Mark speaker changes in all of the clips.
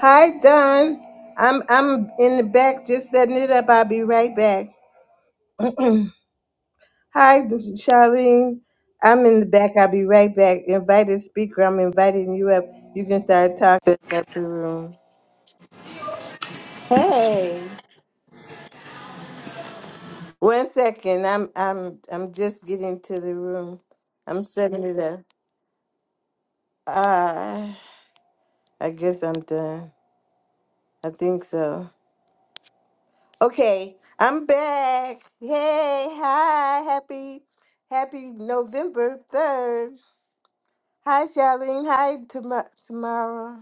Speaker 1: Hi, Don. I'm I'm in the back just setting it up. I'll be right back. Hi, Charlene. I'm in the back. I'll be right back. Invited speaker. I'm inviting you up. You can start talking up the room. Hey. One second. I'm I'm I'm just getting to the room. I'm setting it up. Uh, I guess I'm done. I think so. Okay, I'm back. Hey, hi, happy, happy November 3rd. Hi, Charlene. Hi, Tam- Tamara.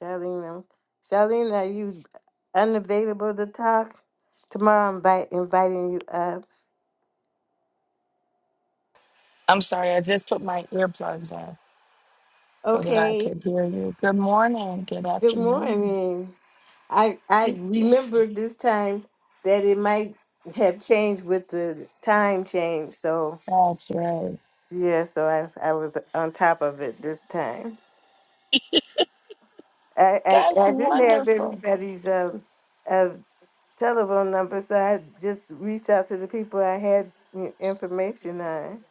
Speaker 1: Charlene, um, Charlene, are you unavailable to talk? Tomorrow I'm invite, inviting you up.
Speaker 2: I'm sorry, I just put my earplugs in so that I
Speaker 1: Okay,
Speaker 2: could hear you. Good morning, good
Speaker 1: good
Speaker 2: afternoon.
Speaker 1: morning. I, I
Speaker 2: Thank you.
Speaker 1: remembered this time that it might have changed with the time change. So,
Speaker 2: That's right.
Speaker 1: yeah, so I, I was on top of it this time. I, I,
Speaker 2: That's
Speaker 1: I didn't have
Speaker 2: wonderful.
Speaker 1: everybody's um, uh, telephone number, so I just reached out to the people I had i- information on.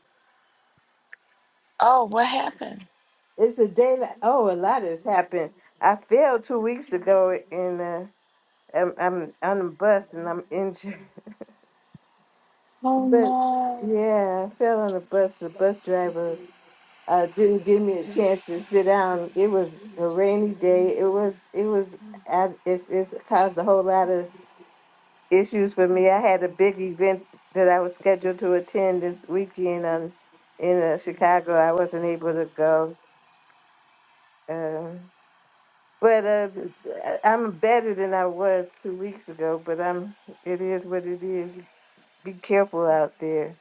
Speaker 2: Oh, what happened?
Speaker 1: It's a day. li- Oh, a lot has happened. I fell two weeks ago, and uh, I'm, I'm on a bus and I'm injured.
Speaker 2: Oh
Speaker 1: But
Speaker 2: no.
Speaker 1: yeah, I fell on a bus. The bus driver uh, didn't give me a chance to sit down. It was a rainy day. It was. It was. I, it's, it's caused a whole lot of issues for me. I had a big event that I was scheduled to attend this weekend on, in uh, Chicago. I wasn't able to go. Uh, but uh, I- am better than I was two weeks ago, but I'm, it is what it is. Be careful out there.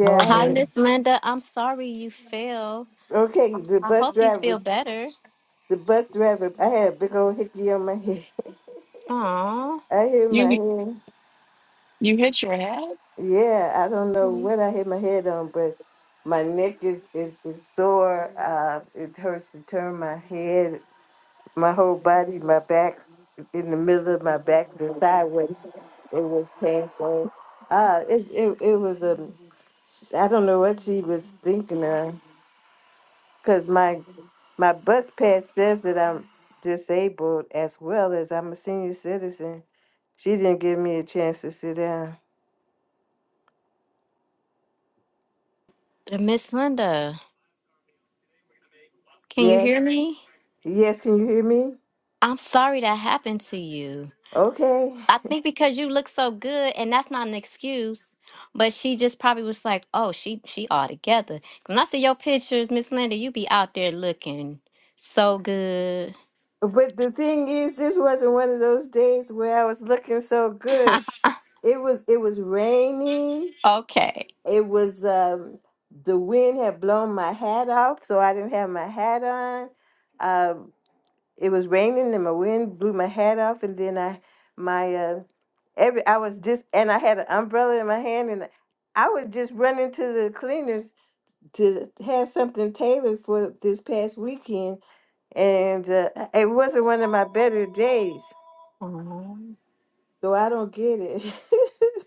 Speaker 2: Well,
Speaker 1: I
Speaker 3: Hi, Miss
Speaker 2: dudes,
Speaker 3: Linda. I'm sorry you fell.
Speaker 1: Okay. The
Speaker 3: I
Speaker 1: bus
Speaker 3: hope you
Speaker 1: driver,
Speaker 3: feel better.
Speaker 1: the bus driver, I had a big old hickey on my head.
Speaker 3: Aw.
Speaker 1: I hit my
Speaker 2: you
Speaker 1: head.
Speaker 2: you hit your head.
Speaker 1: Yeah, I don't know what I hit my head on, but my neck is is is sore. Uh, it hurts to turn my head, my whole body, my back, in the middle of my back, the sideways. It was painful. Uh, it's it it was a, I don't know what she was thinking of, cause my my bus pass says that I'm disabled as well as I'm a senior citizen. She didn't give me a chance to sit down.
Speaker 3: Miss Linda, can you
Speaker 1: Yes,
Speaker 3: hear me?
Speaker 1: yes, can you hear me?
Speaker 3: I'm sorry that happened to you.
Speaker 1: Okay.
Speaker 3: I think because you look so good, and that's not an excuse, but she just probably was like, oh, she she all together. When I see your pictures, Miss Linda, you be out there looking so good.
Speaker 1: But the thing is, this wasn't one of those days where I was looking so good. It was it was rainy.
Speaker 3: okay.
Speaker 1: It was um the wind had blown my hat off, so I didn't have my hat on. Um it was raining and my wind blew my hat off and then I my uh every I was just and I had an umbrella in my hand and I was just running to the cleaners to have something tailored for this past weekend and uh, it wasn't one of my better days.
Speaker 3: Aw.
Speaker 1: So I don't get it.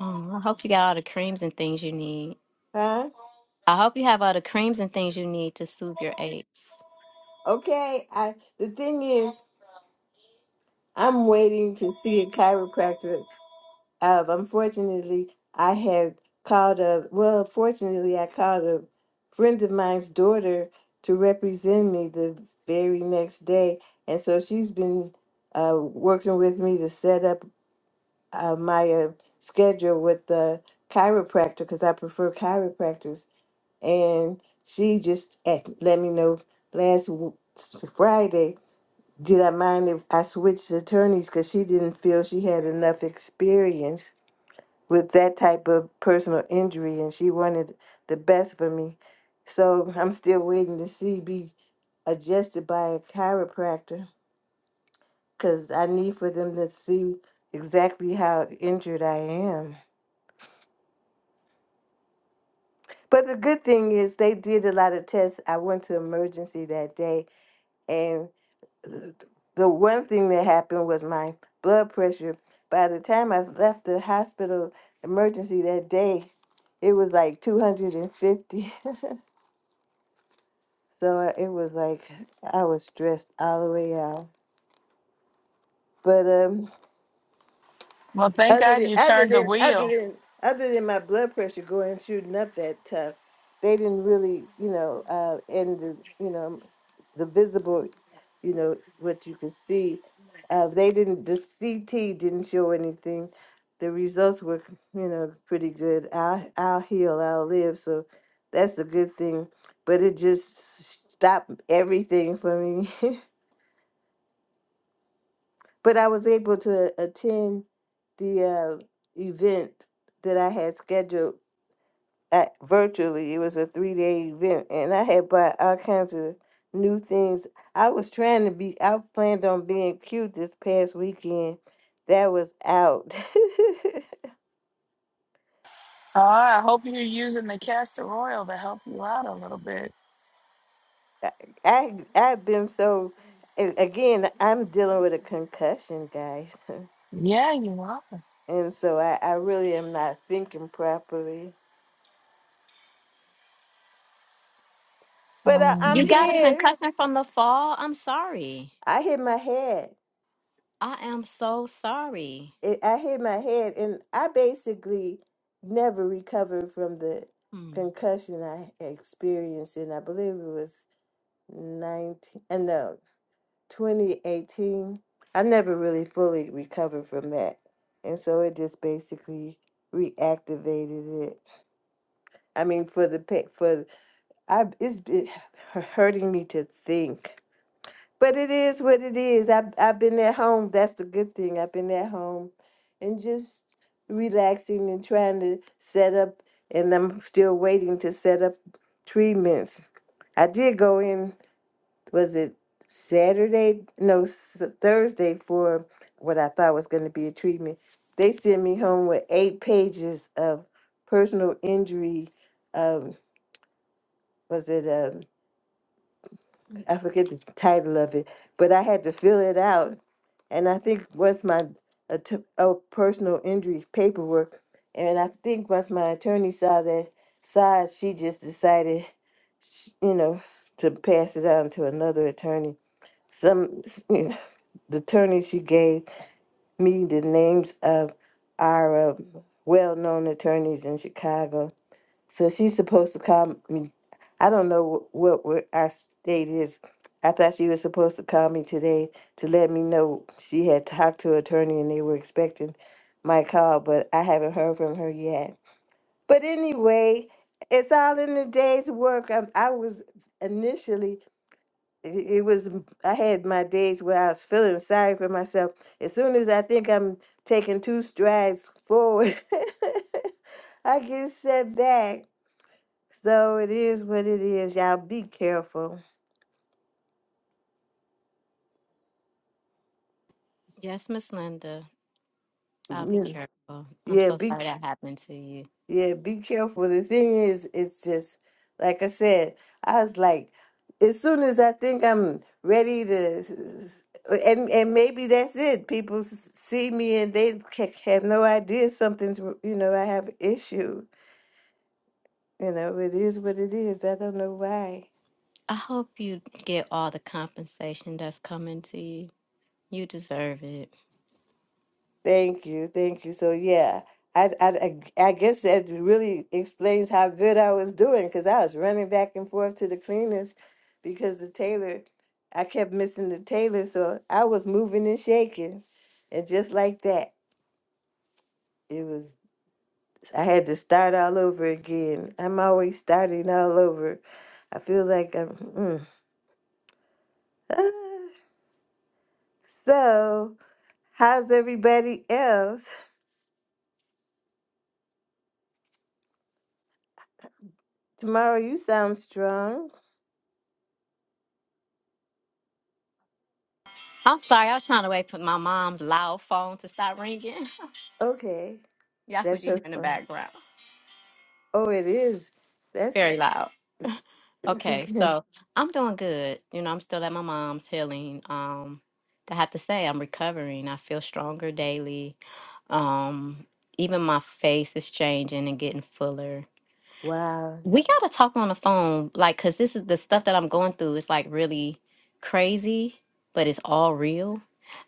Speaker 3: Aw, I hope you got all the creams and things you need.
Speaker 1: huh?
Speaker 3: I hope you have all the creams and things you need to soothe your aches.
Speaker 1: Okay. I the thing is, I'm waiting to see a chiropractor. Uh, unfortunately, I had called a well. Fortunately, I called a friend of mine's daughter to represent me the very next day, and so she's been uh, working with me to set up uh, my uh, schedule with the chiropractor because I prefer chiropractors and she just asked, let me know last w- Friday did I mind if I switched attorneys because she didn't feel she had enough experience with that type of personal injury and she wanted the best for me. So I'm still waiting to see be adjusted by a chiropractor because I need for them to see exactly how injured I am. But the good thing is they did a lot of tests. I went to emergency that day and. the one thing that happened was my blood pressure. By the time I left the hospital emergency that day, it was like 250. so uh, it was like I was stressed all the way out. But um.
Speaker 2: Well, thank
Speaker 1: Other
Speaker 2: God
Speaker 1: than
Speaker 2: you
Speaker 1: other
Speaker 2: turned the
Speaker 1: than other
Speaker 2: wheel.
Speaker 1: than other than my blood pressure going shooting up that tough, they didn't really, you know, uh, and the you know, the visible, you know, s- what you could see, uh, they didn't. The CT didn't show anything. The results were, you know, pretty good. I'll I'll heal. I'll live. So that's a good thing. But it just stopped everything for me. but I was able to attend the uh, event that I had scheduled at, virtually. It was a three day event, and I had bought all kinds of new things. I was trying to be, I planned on being cute this past weekend. That was out.
Speaker 2: Oh, I hope you're using the castor oil to help you out a little bit.
Speaker 1: I, I, I've been so, and again, I'm dealing with a concussion, guys.
Speaker 2: Yeah, you are.
Speaker 1: And so I, I really am not thinking properly. But I, I'm
Speaker 3: You
Speaker 2: Um,
Speaker 3: got a
Speaker 1: here.
Speaker 3: concussion from the fall? I'm sorry.
Speaker 1: I hit my head.
Speaker 3: I am so sorry.
Speaker 1: it, I hit my head, and I basically never recovered from the
Speaker 3: Hmm.
Speaker 1: concussion I experienced, and I believe it was nineteen, uh, no, twenty eighteen. I never really fully recovered from that, and so it just basically reactivated it. I mean, for the pa for I, it's it hurting me to think but it is what it is. I've I've been at home. That's the good thing. I've been at home and just relaxing and trying to set up and I'm still waiting to set up treatments. I did go in, was it Saturday? No, s- Thursday for what I thought was going to be a treatment. They sent me home with eight pages of personal injury. Um, was it, um, I forget the title of it, but I had to fill it out and I think once my a, personal injury paperwork, and I think once my attorney saw that side, she just decided, sh- you know, to pass it on to another attorney. Some s- you know, the attorney she gave me the names of our uh, well-known attorneys in Chicago so she's supposed to call me. I don't know wh- what, what our state is. I thought she was supposed to call me today to let me know she had talked to her attorney and they were expecting my call, but I haven't heard from her yet. But anyway, it's all in the day's work. I, I was initially, it, it was, I had my days where I was feeling sorry for myself. As soon as I think I'm taking two strides forward, I get set back. So it is what it is. Y'all be careful.
Speaker 3: Yes, Miss Linda. I'll be
Speaker 1: Yeah,
Speaker 3: careful. I'm
Speaker 1: yeah,
Speaker 3: so
Speaker 1: be
Speaker 3: sorry that
Speaker 1: c-
Speaker 3: happened to you.
Speaker 1: yeah, be careful. The thing is, it's just like I said. I was like, as soon as I think I'm ready to, s- s- and and maybe that's it. People s- see me and they ca- have no idea something's. You know, I have an issue. You know, it is what it is. I don't know why.
Speaker 3: I hope you get all the compensation that's coming to you. You deserve it.
Speaker 1: Thank you, thank you. So yeah, I I I I guess that really explains how good I was doing because I was running back and forth to the cleaners because the tailor, I kept missing the tailor, so I was moving and shaking, and just like that, it was. I had to start all over again. I'm always starting all over. I feel like I'm. Mm. Ah. So, how's everybody else? Tomorrow you sound strong.
Speaker 3: I'm sorry. I was trying to wait for my mom's loud phone to stop ringing.
Speaker 1: Okay,
Speaker 3: That's what
Speaker 1: that's
Speaker 3: you
Speaker 1: so
Speaker 3: hear in the
Speaker 1: fun.
Speaker 3: background.
Speaker 1: Oh, it is. That's
Speaker 3: Very loud.
Speaker 1: it's
Speaker 3: Okay,
Speaker 1: okay.
Speaker 3: so I'm doing good. You know, I'm still at my mom's healing. Um, I have to say, I'm recovering. I feel stronger daily. Um, even my face is changing and getting fuller.
Speaker 1: Wow.
Speaker 3: We gotta talk on the phone, like, cause this is the stuff that I'm going through. It's like really crazy, but it's all real.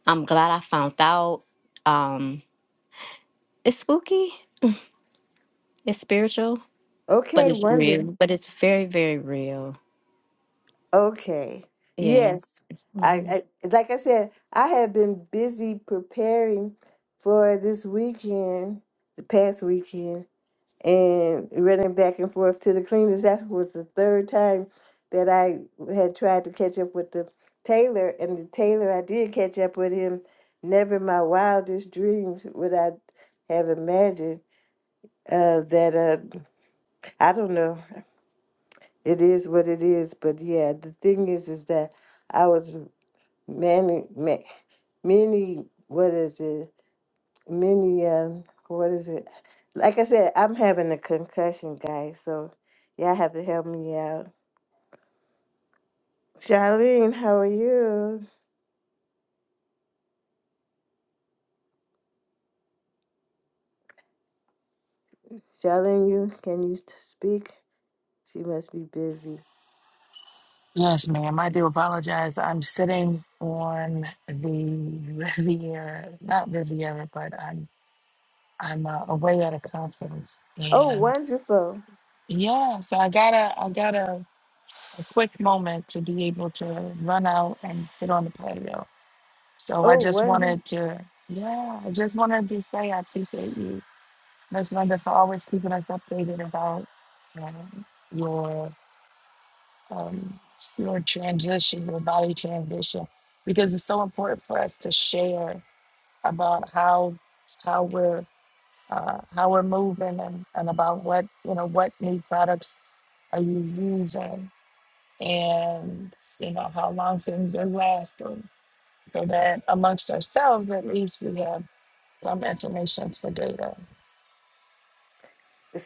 Speaker 3: I'm glad I found out. Um, it's spooky, it's spiritual, but
Speaker 1: Okay,
Speaker 3: it's
Speaker 1: wonder.
Speaker 3: real. But it's very, very real.
Speaker 1: Okay.
Speaker 3: Yeah.
Speaker 1: Yes. I, I like I said, I have been busy preparing for this weekend, the past weekend, and running back and forth to the cleaners. That was the third time that I had tried to catch up with the tailor, and the tailor I did catch up with him. Never in my wildest dreams would I have imagined uh, that. Uh, I don't know. It is what it is, but yeah, the thing is, is that I was many, ma- many, what is it? Many, um, what is it? Like I said, I'm having a concussion, guys, so y'all have to help me out. Charlene, how are you? Charlene, you can you speak? She must be busy.
Speaker 2: Yes, ma'am. I do apologize. I'm sitting on the Riviera, not Riviera, but I'm I'm uh, away at a conference,
Speaker 1: Oh,
Speaker 2: and
Speaker 1: wonderful.
Speaker 2: yeah, so I got a I got a, a quick moment to be able to run out and sit on the patio. So I
Speaker 1: Oh,
Speaker 2: just
Speaker 1: wonderful.
Speaker 2: wanted to, yeah, I just wanted to say I appreciate you, Miss Linda, for always keeping us updated about uh, your um, your transition, your body transition, because it's so important for us to share about how how we're uh, how we're moving and, and about what you know what new products are you using and you know how long things are lasting, so that amongst ourselves at least we have some information for data.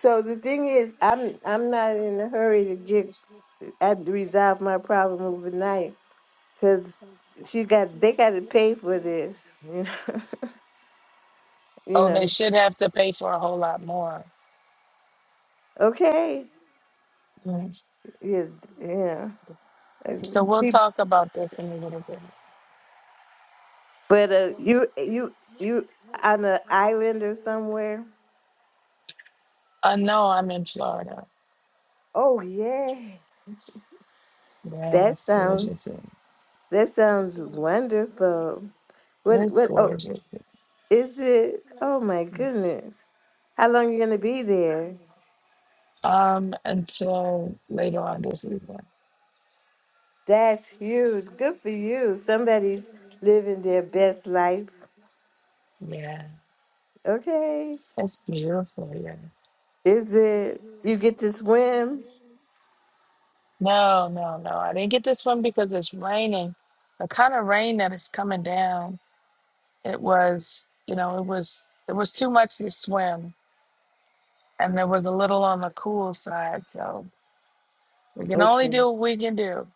Speaker 1: So the thing is, I'm I'm not in a hurry to get uh, I resolve my problem overnight. because she got they got to pay for this. You know, you
Speaker 2: Oh, they
Speaker 1: know.
Speaker 2: should have to pay for a whole lot more.
Speaker 1: Okay,
Speaker 2: Mm.
Speaker 1: yeah, yeah.
Speaker 2: So we'll
Speaker 1: Pe-
Speaker 2: talk about this in a little bit.
Speaker 1: But uh, you you you on an island or somewhere?
Speaker 2: I know I'm in Florida.
Speaker 1: Oh yeah,
Speaker 2: Yeah,
Speaker 1: that
Speaker 2: it's gorgeous.
Speaker 1: sounds that sounds wonderful. What
Speaker 2: It's
Speaker 1: what? Oh,
Speaker 2: gorgeous.
Speaker 1: is it? Oh my goodness, how long you gonna be there?
Speaker 2: Um, until later on this evening.
Speaker 1: That's huge. Good for you. Somebody's living their best life.
Speaker 2: Yeah,
Speaker 1: Okay.
Speaker 2: it's beautiful. Yeah.
Speaker 1: Is it you get to swim?
Speaker 2: No, no, no. I didn't get this one because it's raining. The kind of rain that is coming down. It was, you know, it was it was too much to swim, and there was a little on the cool side. So we can only
Speaker 1: Okay.
Speaker 2: do what we can do.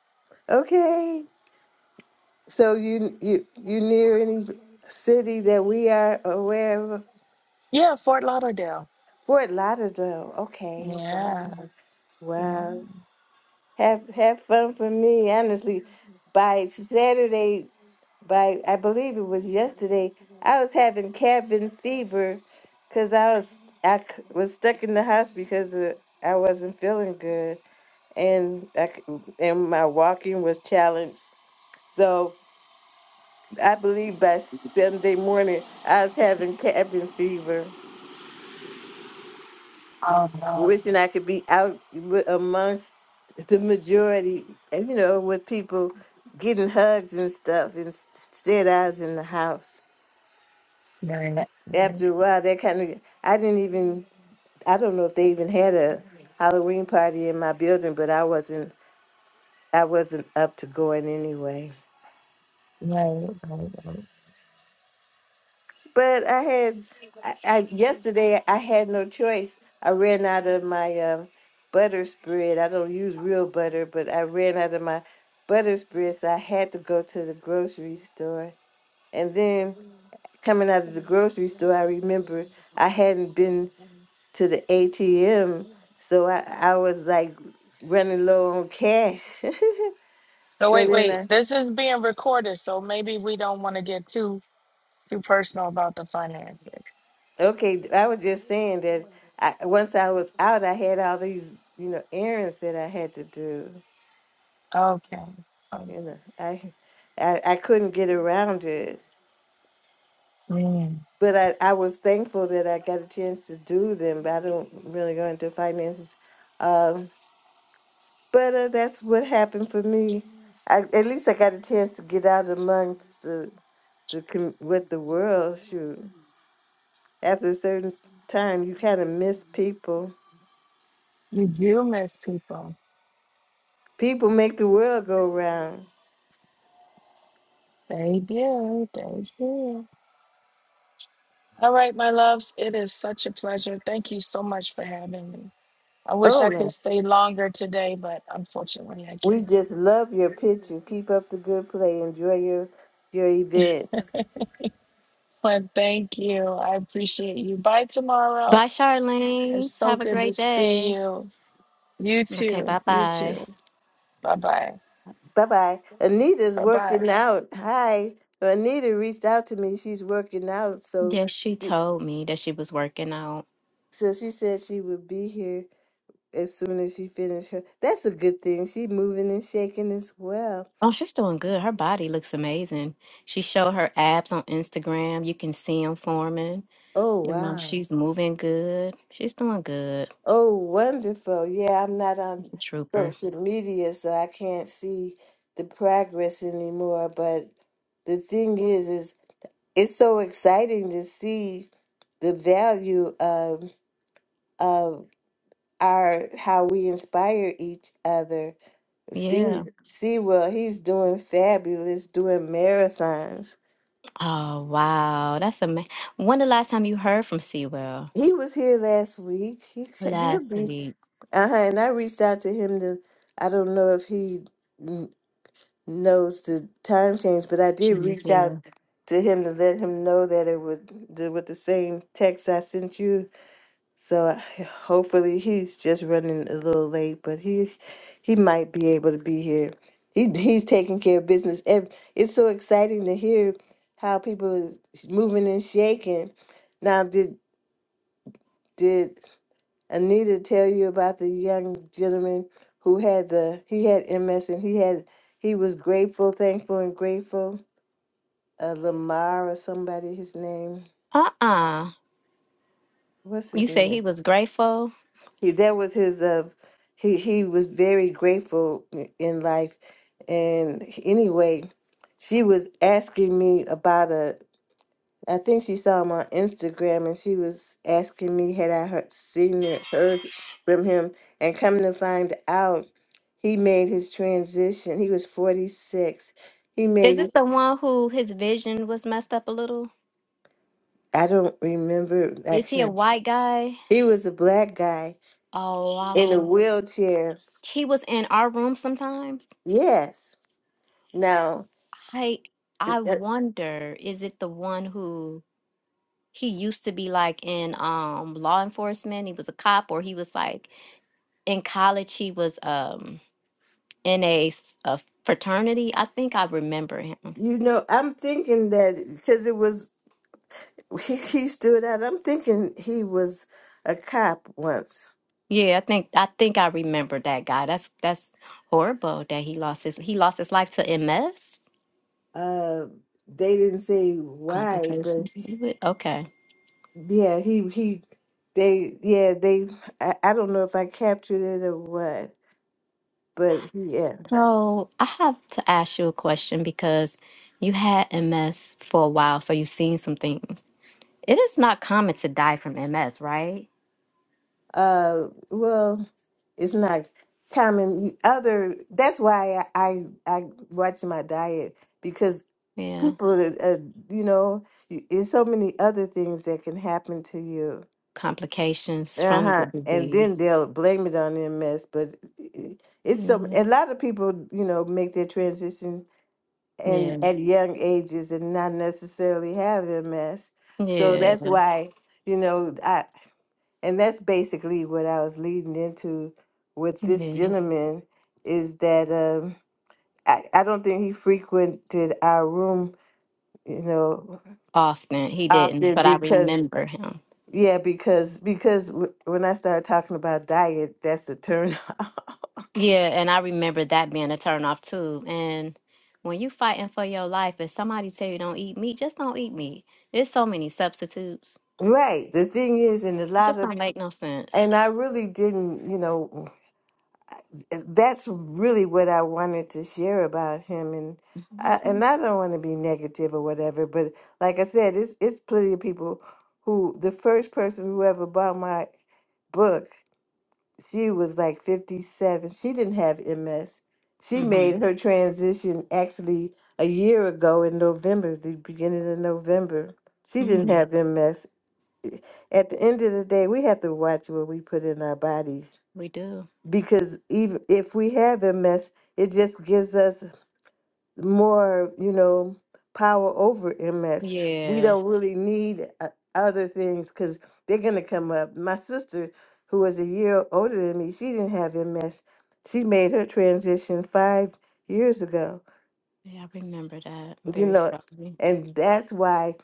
Speaker 1: Okay. So you you you near any city that we are aware of?
Speaker 2: Yeah, Fort Lauderdale.
Speaker 1: Fort Lauderdale. Okay. Wow.
Speaker 2: Yeah, yeah.
Speaker 1: Wow. Have have fun for me, honestly. By Saturday, by I believe it was yesterday, I was having cabin fever because I was I c- was stuck in the house because uh, I wasn't feeling good. and I c- and my walking was challenged. So I believe by Sunday morning, I was having cabin fever,
Speaker 2: Oh no,
Speaker 1: wishing I could be out wi- amongst the majority, and, you know, with people getting hugs and stuff. and s- Instead, I was in the house.
Speaker 2: right,
Speaker 1: A-
Speaker 2: right,
Speaker 1: After a while, that kind of I didn't even I don't know if they even had a Halloween party in my building, but I wasn't I wasn't up to going anyway.
Speaker 2: right. right. right.
Speaker 1: But I had, I, I yesterday I had no choice. I ran out of my um, butter spread. I don't use real butter, but I ran out of my butter spread, so I had to go to the grocery store. And then coming out of the grocery store, I remember I hadn't been to the ATM, so I, I was like running low on cash.
Speaker 2: So
Speaker 1: so
Speaker 2: wait,
Speaker 1: then
Speaker 2: wait.
Speaker 1: I
Speaker 2: This is being recorded, so maybe we don't want to get too too personal about the finances.
Speaker 1: Okay, I was just saying that I, once I was out, I had all these, you know, errands that I had to do.
Speaker 2: Okay. Oh,
Speaker 1: You know, I, I, I couldn't get around it.
Speaker 2: mm.
Speaker 1: But I, I was thankful that I got a chance to do them. But I don't really go into finances. Um, but uh, that's what happened for me. I, at least I got a chance to get out amongst the the com- with the world. Shoot, after a certain time, you kind of miss people.
Speaker 2: You do miss people.
Speaker 1: People make the world go round.
Speaker 2: They do. They do. All right, my loves. It is such a pleasure. Thank you so much for having me. I wish
Speaker 1: Oh
Speaker 2: I could
Speaker 1: man,
Speaker 2: stay longer today, but unfortunately, I
Speaker 1: we
Speaker 2: can't.
Speaker 1: just love your picture. Keep up the good play. Enjoy your your event.
Speaker 2: But thank you. I appreciate you. Bye
Speaker 3: Bye,
Speaker 2: tomorrow. It's
Speaker 3: Charlene.
Speaker 2: so
Speaker 3: Have a
Speaker 2: good to
Speaker 3: great
Speaker 2: see
Speaker 3: day.
Speaker 2: you. You
Speaker 3: Okay,
Speaker 2: too.
Speaker 3: bye
Speaker 2: You
Speaker 3: bye.
Speaker 2: too. Bye bye.
Speaker 1: Bye bye. Anita's
Speaker 2: Bye bye.
Speaker 1: working out. Hi, Anita reached out to me. She's working out, so
Speaker 3: Yeah, she
Speaker 1: she,
Speaker 3: told me that she was working out.
Speaker 1: so she said she would be here as soon as she finished her. That's a good thing. She's moving and shaking as well.
Speaker 3: Oh, she's doing good. Her body looks amazing. She showed her abs on Instagram. You can see them forming.
Speaker 1: Oh
Speaker 3: You know,
Speaker 1: wow.
Speaker 3: she's moving good. She's doing good.
Speaker 1: Oh wonderful. Yeah, I'm not on
Speaker 3: She's a trooper.
Speaker 1: social media, so I can't see the progress anymore. But the thing is, is it's so exciting to see the value of of our how we inspire each other.
Speaker 3: Yeah.
Speaker 1: See see well he's doing fabulous doing marathons.
Speaker 3: Oh, wow. That's amazing. When the last time you heard from Sewell?
Speaker 1: He was here last week. He c- he'll
Speaker 3: Last
Speaker 1: be
Speaker 3: week.
Speaker 1: uh-huh, and I reached out to him to I don't know if he kn- knows the time change, but I did
Speaker 3: Thank
Speaker 1: reach out
Speaker 3: you.
Speaker 1: to him to let him know that it was the, with the same text I sent you So I- hopefully he's just running a little late, but he he might be able to be here. He he's taking care of business. Ev- It's so exciting to hear how people is moving and shaking. Now, did did Anita tell you about the young gentleman who had the he had MS and he had he was grateful, thankful, and grateful. Uh, Lamar or somebody, his name.
Speaker 3: Uh-uh.
Speaker 1: What's
Speaker 3: You
Speaker 1: his
Speaker 3: said
Speaker 1: name?
Speaker 3: he was grateful?
Speaker 1: he that was his uh he he was very grateful i- in life and anyway she was asking me about a I think she saw him on Instagram and she was asking me had I heard seen or heard from him and come to find out he made his transition. He was 46. He
Speaker 3: Is
Speaker 1: made
Speaker 3: this
Speaker 1: it
Speaker 3: the one who his vision was messed up a little?
Speaker 1: I don't remember I
Speaker 3: Is he a
Speaker 1: can't
Speaker 3: white guy?
Speaker 1: he was a black guy
Speaker 3: Oh, I
Speaker 1: in a
Speaker 3: don't.
Speaker 1: wheelchair.
Speaker 3: He was in our room sometimes.
Speaker 1: Yes. Now
Speaker 3: I I
Speaker 1: uh,
Speaker 3: wonder, is it the one who he used to be like in um law enforcement? He was a cop, or he was like in college. He was um in a, s- a fraternity. I think I remember him.
Speaker 1: You know, I'm thinking that because it was he, he stood out. I'm thinking he was a cop once.
Speaker 3: Yeah, I think I think I remember that guy. That's that's horrible that he lost his he lost his life to MS.
Speaker 1: Uh, they didn't say why, but
Speaker 3: complications to it. Okay.
Speaker 1: yeah, he he they yeah they I, I don't know if I captured it or what, but yeah.
Speaker 3: So I have to ask you a question because you had MS for a while, so you've seen some things. It is not common to die from MS, right?
Speaker 1: Uh, well, it's not common. Other that's why I I, I watch my diet because.
Speaker 3: Yeah.
Speaker 1: people is- uh, you know you, there's so many other things that can happen to you
Speaker 3: Complications from the
Speaker 1: uh-huh and then
Speaker 3: disease.
Speaker 1: they'll blame it on ms but i- it's so
Speaker 3: Mm,
Speaker 1: a lot of people you know make their transition and
Speaker 3: Yeah.
Speaker 1: at young ages and not necessarily have ms so
Speaker 3: Yeah.
Speaker 1: that's why you know i and that's basically what i was leading into with this
Speaker 3: Yeah.
Speaker 1: gentleman is that um I, I don't think he frequented our room you know
Speaker 3: Often he
Speaker 1: out
Speaker 3: didn't,
Speaker 1: there
Speaker 3: but I
Speaker 1: because
Speaker 3: remember him.
Speaker 1: yeah because because w- when i start talking about diet that's a turn off
Speaker 3: Yeah, and I remember that being a turnoff too. And when you fighting for your life, if somebody tell you don't eat meat, just don't eat meat. There's so many substitutes
Speaker 1: right the thing is and a
Speaker 3: It
Speaker 1: lot
Speaker 3: just
Speaker 1: of
Speaker 3: don't make no sense.
Speaker 1: and i really didn't you know that's really what i wanted to share about him and I,
Speaker 3: Mm-hmm.
Speaker 1: and i don't want to be negative or whatever but like i said it's it's plenty of people who the first person who ever bought my book she was like 57. She didn't have MS. She
Speaker 3: Mm-hmm.
Speaker 1: made her transition actually a year ago in November, the beginning of November. She didn't
Speaker 3: Mm,
Speaker 1: have MS. At the end of the day, we have to watch what we put in our bodies
Speaker 3: we do.
Speaker 1: because even if we have MS, it just gives us more, you know, power over MS. We
Speaker 3: Yeah.
Speaker 1: don't really need uh, other things because they're going to come up. My sister, who was a year older than me, she didn't have MS. She made her transition five years ago,
Speaker 3: Yeah, I remember that. I'm
Speaker 1: you
Speaker 3: very
Speaker 1: know,
Speaker 3: sorry.
Speaker 1: and that's why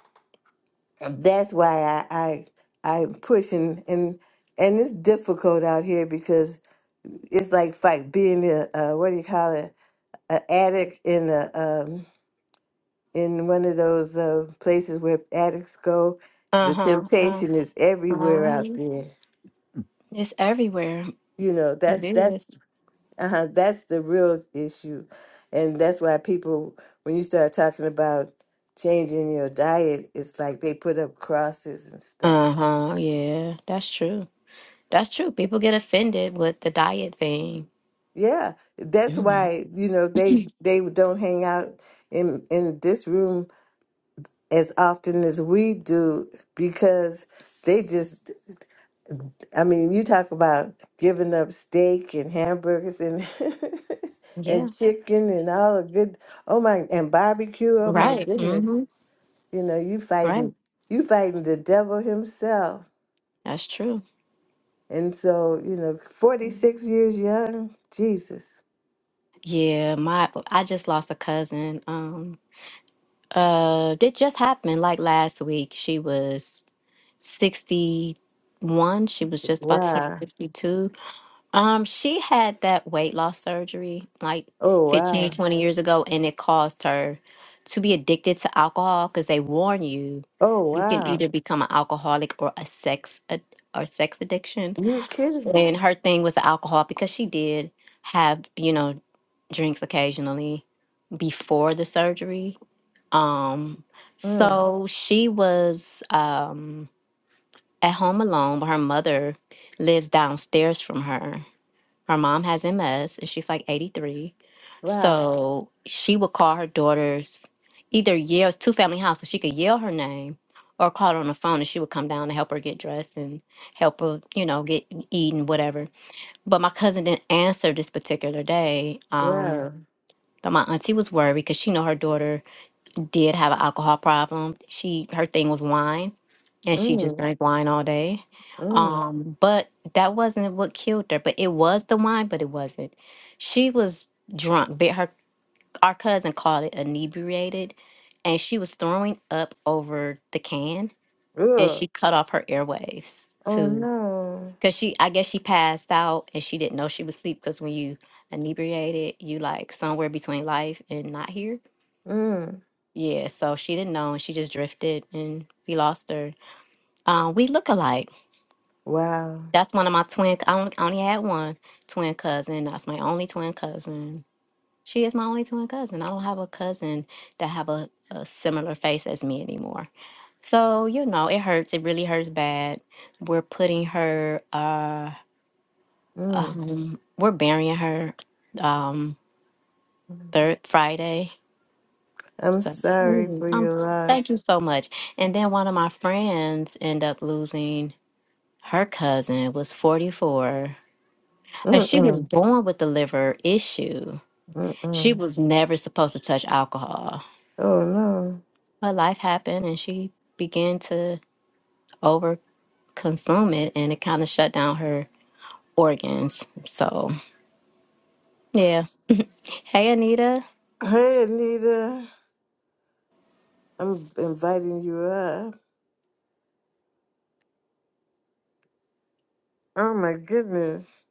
Speaker 1: that's why I I I'm pushing and and it's difficult out here because it's like fight being a, uh what do you call it, an addict in a um in one of those uh, places where addicts go. The
Speaker 3: Uh-huh.
Speaker 1: temptation is everywhere
Speaker 3: Uh-huh.
Speaker 1: out there.
Speaker 3: It's everywhere.
Speaker 1: You know,
Speaker 3: It
Speaker 1: that's
Speaker 3: is.
Speaker 1: that's uh, that's the real issue, and that's why people, when you start talking about changing your diet, it's like they put up crosses and stuff.
Speaker 3: Uh-huh. Yeah, that's true. That's true. People get offended with the diet thing.
Speaker 1: Yeah, that's
Speaker 3: Mm,
Speaker 1: why you know they they don't hang out in in this room as often as we do because they just I mean, you talk about giving up steak and hamburgers and
Speaker 3: Yeah.
Speaker 1: and chicken and all the good. Oh my, and barbecue. Oh my
Speaker 3: Right.
Speaker 1: goodness.
Speaker 3: Mm-hmm.
Speaker 1: You know, you
Speaker 3: Right.
Speaker 1: fighting you fighting the devil himself.
Speaker 3: That's true.
Speaker 1: And so, you know,
Speaker 3: Mhm.
Speaker 1: 46 years young, Jesus.
Speaker 3: Yeah, my I just lost a cousin. Um, uh, it just happened like last week. She was 61. She was just about to turn
Speaker 1: Wow.
Speaker 3: 62. Um, she had that weight loss surgery like
Speaker 1: Oh
Speaker 3: 15,
Speaker 1: wow.
Speaker 3: 20 years ago, and it caused her to be addicted to alcohol because they warn you
Speaker 1: Oh
Speaker 3: you can
Speaker 1: wow.
Speaker 3: either become an alcoholic or a sex ad- or sex addiction.
Speaker 1: You're kidding.
Speaker 3: And her thing was the alcohol because she did have, you know, drinks occasionally before the surgery. Um,
Speaker 1: Mm.
Speaker 3: so she was um at home alone, but her mother lives downstairs from her. Her mom has MS and she's like 83.
Speaker 1: Wow.
Speaker 3: So she would call her daughters, either yell, it's two family house, so she could yell her name or call her on the phone and she would come down to help her get dressed and help her, you know, get eating, whatever. But my cousin didn't answer this particular day. Um,
Speaker 1: Wow.
Speaker 3: but my auntie was worried because she know her daughter did have an alcohol problem. She her thing was wine and she just
Speaker 1: Mm.
Speaker 3: drank wine all day.
Speaker 1: Mm.
Speaker 3: Um, but that wasn't what killed her. But it was the wine, but it wasn't. She was drunk. But her our cousin called it inebriated, and she was throwing up over the can, and
Speaker 1: Ugh.
Speaker 3: she cut off her airwaves
Speaker 1: Oh
Speaker 3: too.
Speaker 1: no.
Speaker 3: Cause she, I guess she passed out and she didn't know she was asleep. Cause when you inebriated, you like somewhere between life and not here.
Speaker 1: Mm.
Speaker 3: Yeah, so she didn't know and she just drifted and we lost her. Um, we look alike.
Speaker 1: Wow.
Speaker 3: That's one of my twin. I only, I only had one twin cousin. That's my only twin cousin. She is my only twin cousin. I don't have a cousin that have a, a similar face as me anymore. So you know, it hurts. It really hurts bad. We're putting her. Uh,
Speaker 1: Mm.
Speaker 3: um, we're burying her. Um, third Friday.
Speaker 1: I'm
Speaker 3: So
Speaker 1: sorry
Speaker 3: mm,
Speaker 1: for
Speaker 3: um,
Speaker 1: your
Speaker 3: thank
Speaker 1: loss.
Speaker 3: you so much. And then one of my friends end up losing her cousin. Was forty four And she was
Speaker 1: Mm-mm.
Speaker 3: born with the liver issue. She
Speaker 1: Mm-mm.
Speaker 3: was never supposed to touch alcohol.
Speaker 1: Oh no.
Speaker 3: But life happened and she began to overconsume it and it kind of shut down her organs. So, yeah. Hey, Anita.
Speaker 1: Hey Anita. I'm inviting you up. Oh my goodness.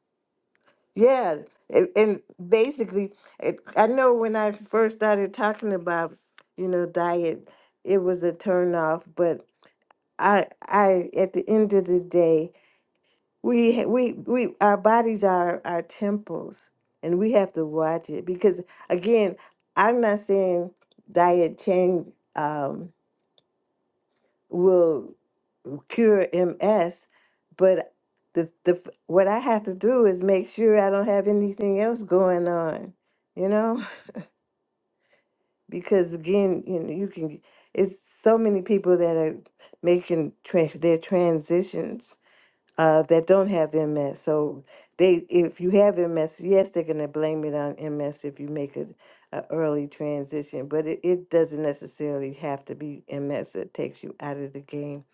Speaker 1: Yeah. And, and basically, it, I know when I first started talking about, you know, diet, it was a turnoff, but I I at the end of the day We we we our bodies are our temples, and we have to watch it because again, I'm not saying diet change um, will cure MS, but the the f- what I have to do is make sure I don't have anything else going on, you know, because again, you know, you can it's so many people that are making tra- their transitions uh, that don't have MS. So they, if you have MS, yes, they're gonna blame it on MS if you make a, a early transition, but it, it doesn't necessarily have to be MS that takes you out of the game.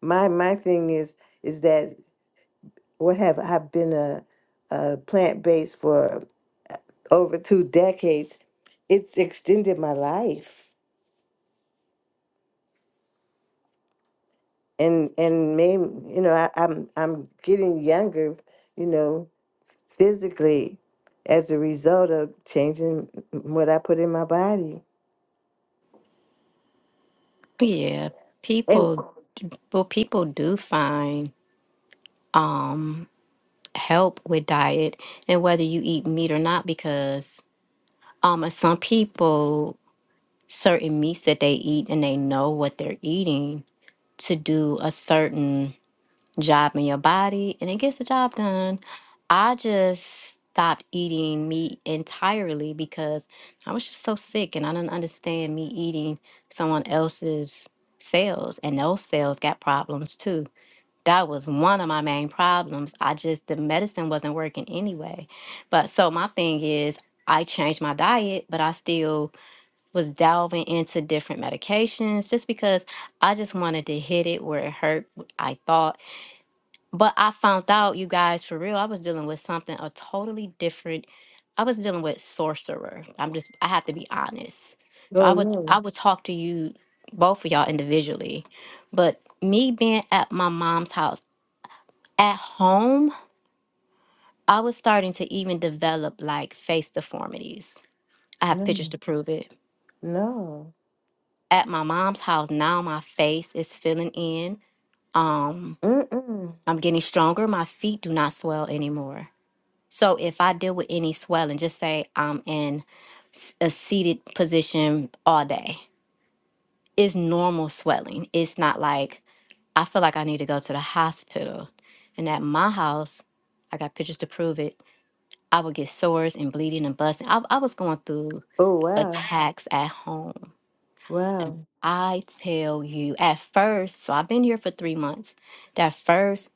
Speaker 1: My my thing is is that what have I been a, a plant based for over two decades? It's extended my life and and made you know I, I'm I'm getting younger, you know. physically as a result of changing what I put in my body.
Speaker 3: Yeah.
Speaker 1: And
Speaker 3: People, well, people do find um, help with diet and whether you eat meat or not because um, uh, some people, certain meats that they eat and they know what they're eating to do a certain job in your body and it gets the job done. I just stopped eating meat entirely because I was just so sick and I didn't understand me eating someone else's cells and those cells got problems too. That was one of my main problems. I just the medicine wasn't working anyway. But so my thing is I changed my diet, but I still was delving into different medications just because I just wanted to hit it where it hurt. I thought but I found out, you guys, for real, I was dealing with something a totally different. I was dealing with sorcerer. I'm just, I have to be honest. So I
Speaker 1: oh
Speaker 3: would, I
Speaker 1: no,
Speaker 3: would talk to you, both of y'all individually, but me being at my mom's house, at home, I was starting to even develop like face deformities. I have pictures
Speaker 1: no,
Speaker 3: to prove it.
Speaker 1: no.
Speaker 3: At my mom's house now, my face is filling in. Um,
Speaker 1: Mm-mm.
Speaker 3: I'm getting stronger. My feet do not swell anymore. So if I deal with any swelling, just say I'm in s- a seated position all day, it's normal swelling. It's not like I feel like I need to go to the hospital. And at my house, I got pictures to prove it. I would get sores and bleeding and busting. I, I was going through
Speaker 1: Oh wow,
Speaker 3: attacks at home. And
Speaker 1: wow,
Speaker 3: I tell you, at first, so I've been here for three months. That first,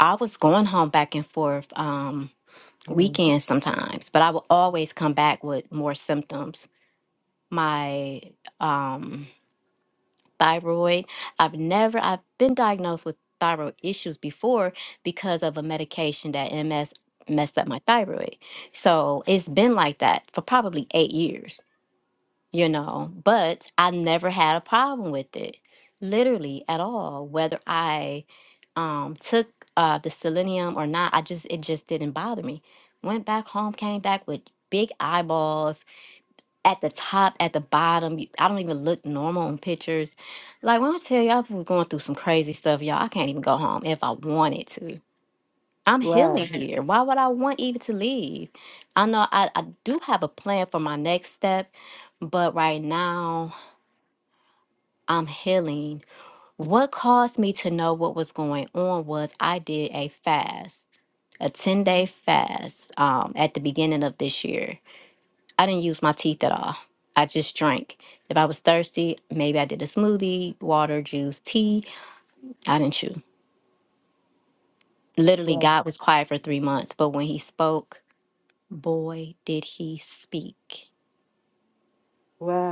Speaker 3: I was going home back and forth. Um,
Speaker 1: mm.
Speaker 3: weekends sometimes, but I will always come back with more symptoms. My um, thyroid, I've never, I've been diagnosed with thyroid issues before because of a medication that MS messed up my thyroid. So it's been like that for probably eight years you know, but I never had a problem with it, literally at all. Whether I um, took uh, the selenium or not, I just it just didn't bother me. Went back home, came back with big eyeballs at the top, at the bottom. You- I don't even look normal in pictures. Like when I tell y'all, I was going through some crazy stuff, y'all. I can't even go home if I wanted to. I'm
Speaker 1: wow,
Speaker 3: healing Mhm. here. Why would I want even to leave? I know I, I do have a plan for my next step, but right now I'm healing. What caused me to know what was going on was I did a fast, a 10 day fast um, at the beginning of this year. I didn't use my teeth at all. I just drank. If I was thirsty, maybe I did a smoothie, water, juice, tea. I didn't chew. Literally,
Speaker 1: wow,
Speaker 3: God was quiet for three months, but when He spoke, boy, did He speak.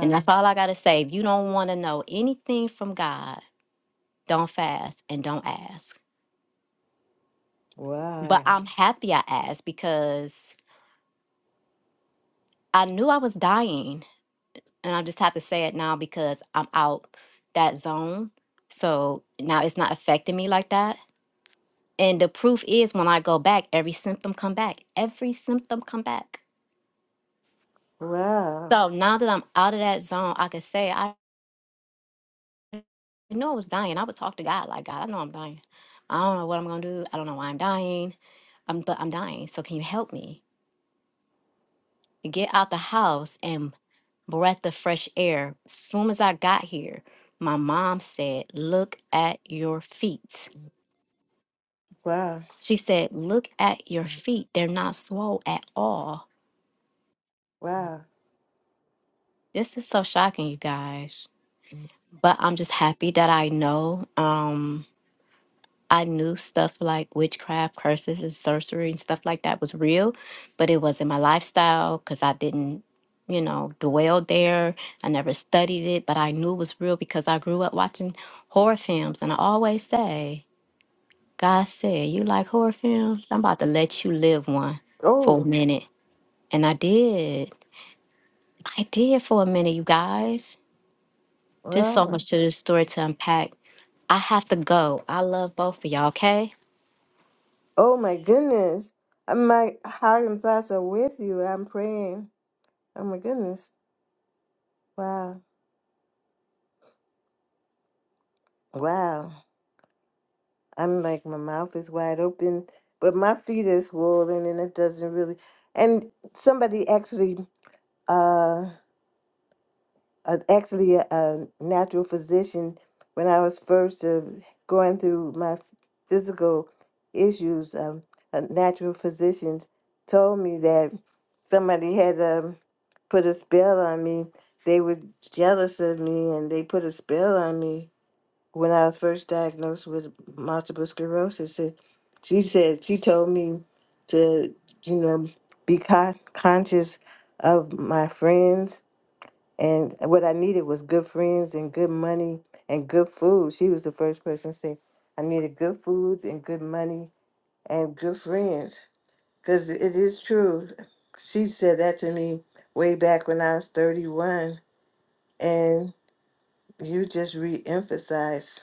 Speaker 3: And that's all I got to say. If you don't want to know anything from God, don't fast and don't ask. But
Speaker 1: wow,
Speaker 3: I'm happy I asked because I knew I was dying. And I just have to say it now because I'm out that zone. So now it's not affecting me like that. And the proof is when I go back, every symptom come back. Every symptom come back.
Speaker 1: wow,
Speaker 3: So now that I'm out of that zone, I can say I know I was dying. I would talk to God like God, I know I'm dying. I don't know what I'm gonna do. I don't know why I'm dying. I'm but I'm dying. So can you help me? Get out the house and breath of fresh air. Soon as I got here, my mom said, Look at your feet.
Speaker 1: wow,
Speaker 3: She said, Look at your feet. They're not swole at all.
Speaker 1: wow.
Speaker 3: This is so shocking, you guys. But I'm just happy that I know. Um, I knew stuff like witchcraft, curses, and sorcery and stuff like that was real, but it wasn't my lifestyle because I didn't, you know, dwell there. I never studied it, but I knew it was real because I grew up watching horror films. And I always say, God said, You like horror films? I'm about to let you live one for a
Speaker 1: Oh,
Speaker 3: minute. And I did. I did for a minute, you guys. There's so
Speaker 1: wow.
Speaker 3: much to this story to unpack. I have to go. I love both of y'all, okay?
Speaker 1: Oh my goodness. Uh, My heart and thoughts are with you. I'm praying. Oh my goodness. Wow. Wow. I'm like my mouth is wide open, but my feet is swollen and it doesn't really. And somebody actually, uh, uh actually a, a natural physician, when I was first uh, going through my physical issues, um, a natural physician told me that somebody had um, put a spell on me. They were jealous of me and they put a spell on me when I was first diagnosed with multiple sclerosis, it, she said she told me to, you know, be con- conscious of my friends. And what I needed was good friends and good money and good food. She was the first person to say, I needed good foods and good money and good friends. Because it is true. She said that to me way back when I was 31. And you just re emphasized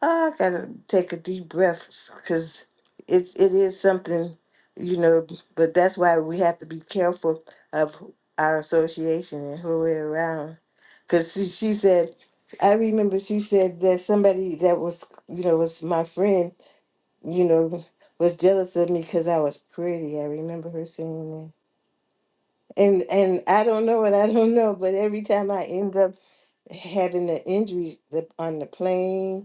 Speaker 1: I gotta take a deep breath because it's it is something, you know. But that's why we have to be careful of our association and who we're around. Because she, she said, I remember she said that somebody that was, you know, was my friend, you know, was jealous of me because I was pretty. I remember her saying that. And and I don't know what I don't know, but every time I end up having an injury the, on the plane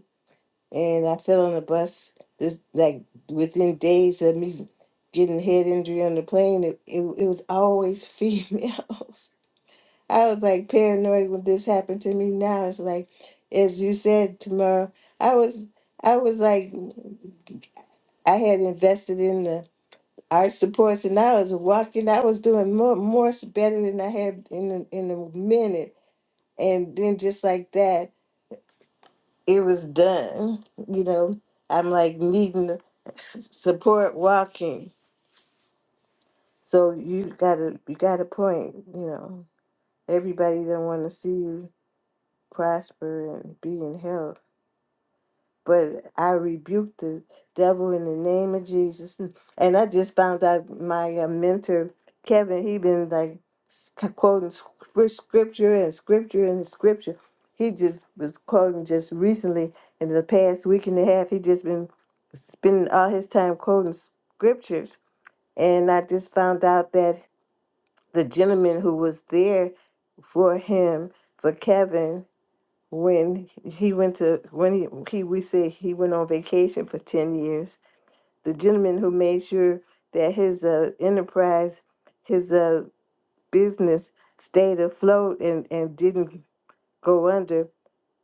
Speaker 1: and I fell on the bus. This like within days of me getting head injury on the plane, it, it, it was always females. I was like paranoid when this happened to me. Now it's like, as you said, tomorrow I was I was like I had invested in the art supports, and I was walking. I was doing more more better than I had in the, in a minute, and then just like that. it was done. You know, I'm like needing to s- support walking. So you gotta you got a point. You know, everybody don't want to see you prosper and be in health. but I rebuked the devil in the name of Jesus. Mm, And I just found out my uh, mentor, Kevin, he been like s- quoting scr- scripture and scripture and scripture. He just was quoting just recently in the past week and a half. He just been spending all his time quoting scriptures. And I just found out that the gentleman who was there for him, for Kevin, when he went to when he, he we said he went on vacation for 10 years the gentleman who made sure that his uh, enterprise his uh, business stayed afloat and, and didn't go under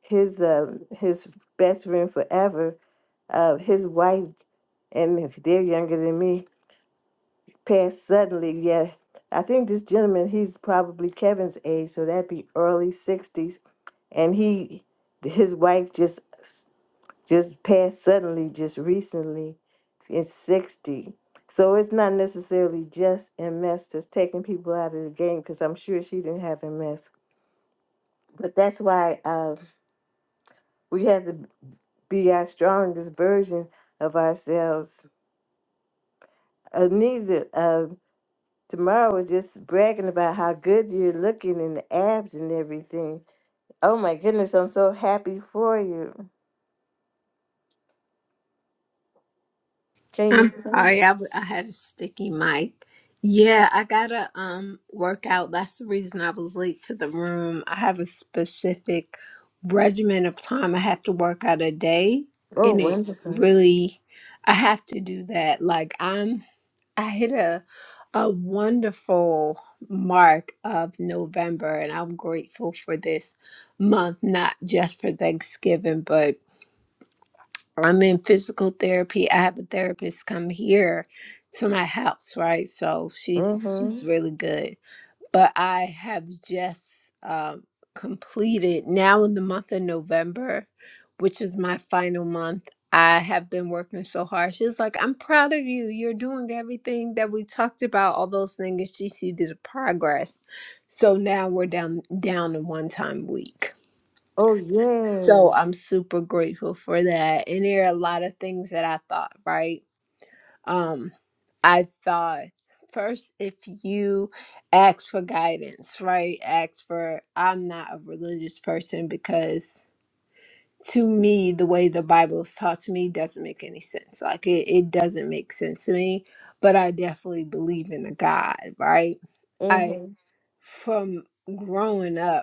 Speaker 1: his uh, his best friend forever uh, his wife and they're younger than me passed suddenly yeah i think this gentleman he's probably kevin's age so that'd be early 60s and he his wife just just passed suddenly just recently it's 60 so it's not necessarily just ms that's taking people out of the game because i'm sure she didn't have ms but that's why uh, we have to be our strongest version of ourselves anita uh, tomorrow was just bragging about how good you're looking in the abs and everything oh my goodness i'm so happy for you can you
Speaker 4: I'm
Speaker 1: hear me?
Speaker 4: sorry, I, w- I had a sticky mic. Yeah, I gotta um work out. That's the reason I was late to the room. I have a specific regimen of time I have to work out a day,
Speaker 1: oh
Speaker 4: and it
Speaker 1: wonderful
Speaker 4: really I have to do that. Like I'm, I hit a a wonderful mark of November, and I'm grateful for this month, not just for Thanksgiving, but I'm in physical therapy. I have a therapist come here to my house, right? So she's
Speaker 1: mm-hmm.
Speaker 4: she's really good. But I have just um, completed now in the month of November, which is my final month. I have been working so hard. She was like, "I'm proud of you. You're doing everything that we talked about. All those things. She see the progress. So now we're down down to one time a week."
Speaker 1: oh yay
Speaker 4: So I'm super grateful for that. And there are a lot of things that I thought, right? Um, I thought first if you ask for guidance, right? Ask for I'm not a religious person because to me the way the Bible is taught to me doesn't make any sense. Like it, it doesn't make sense to me. But I definitely believe in a God, right? I
Speaker 1: Mm-hmm.
Speaker 4: from growing up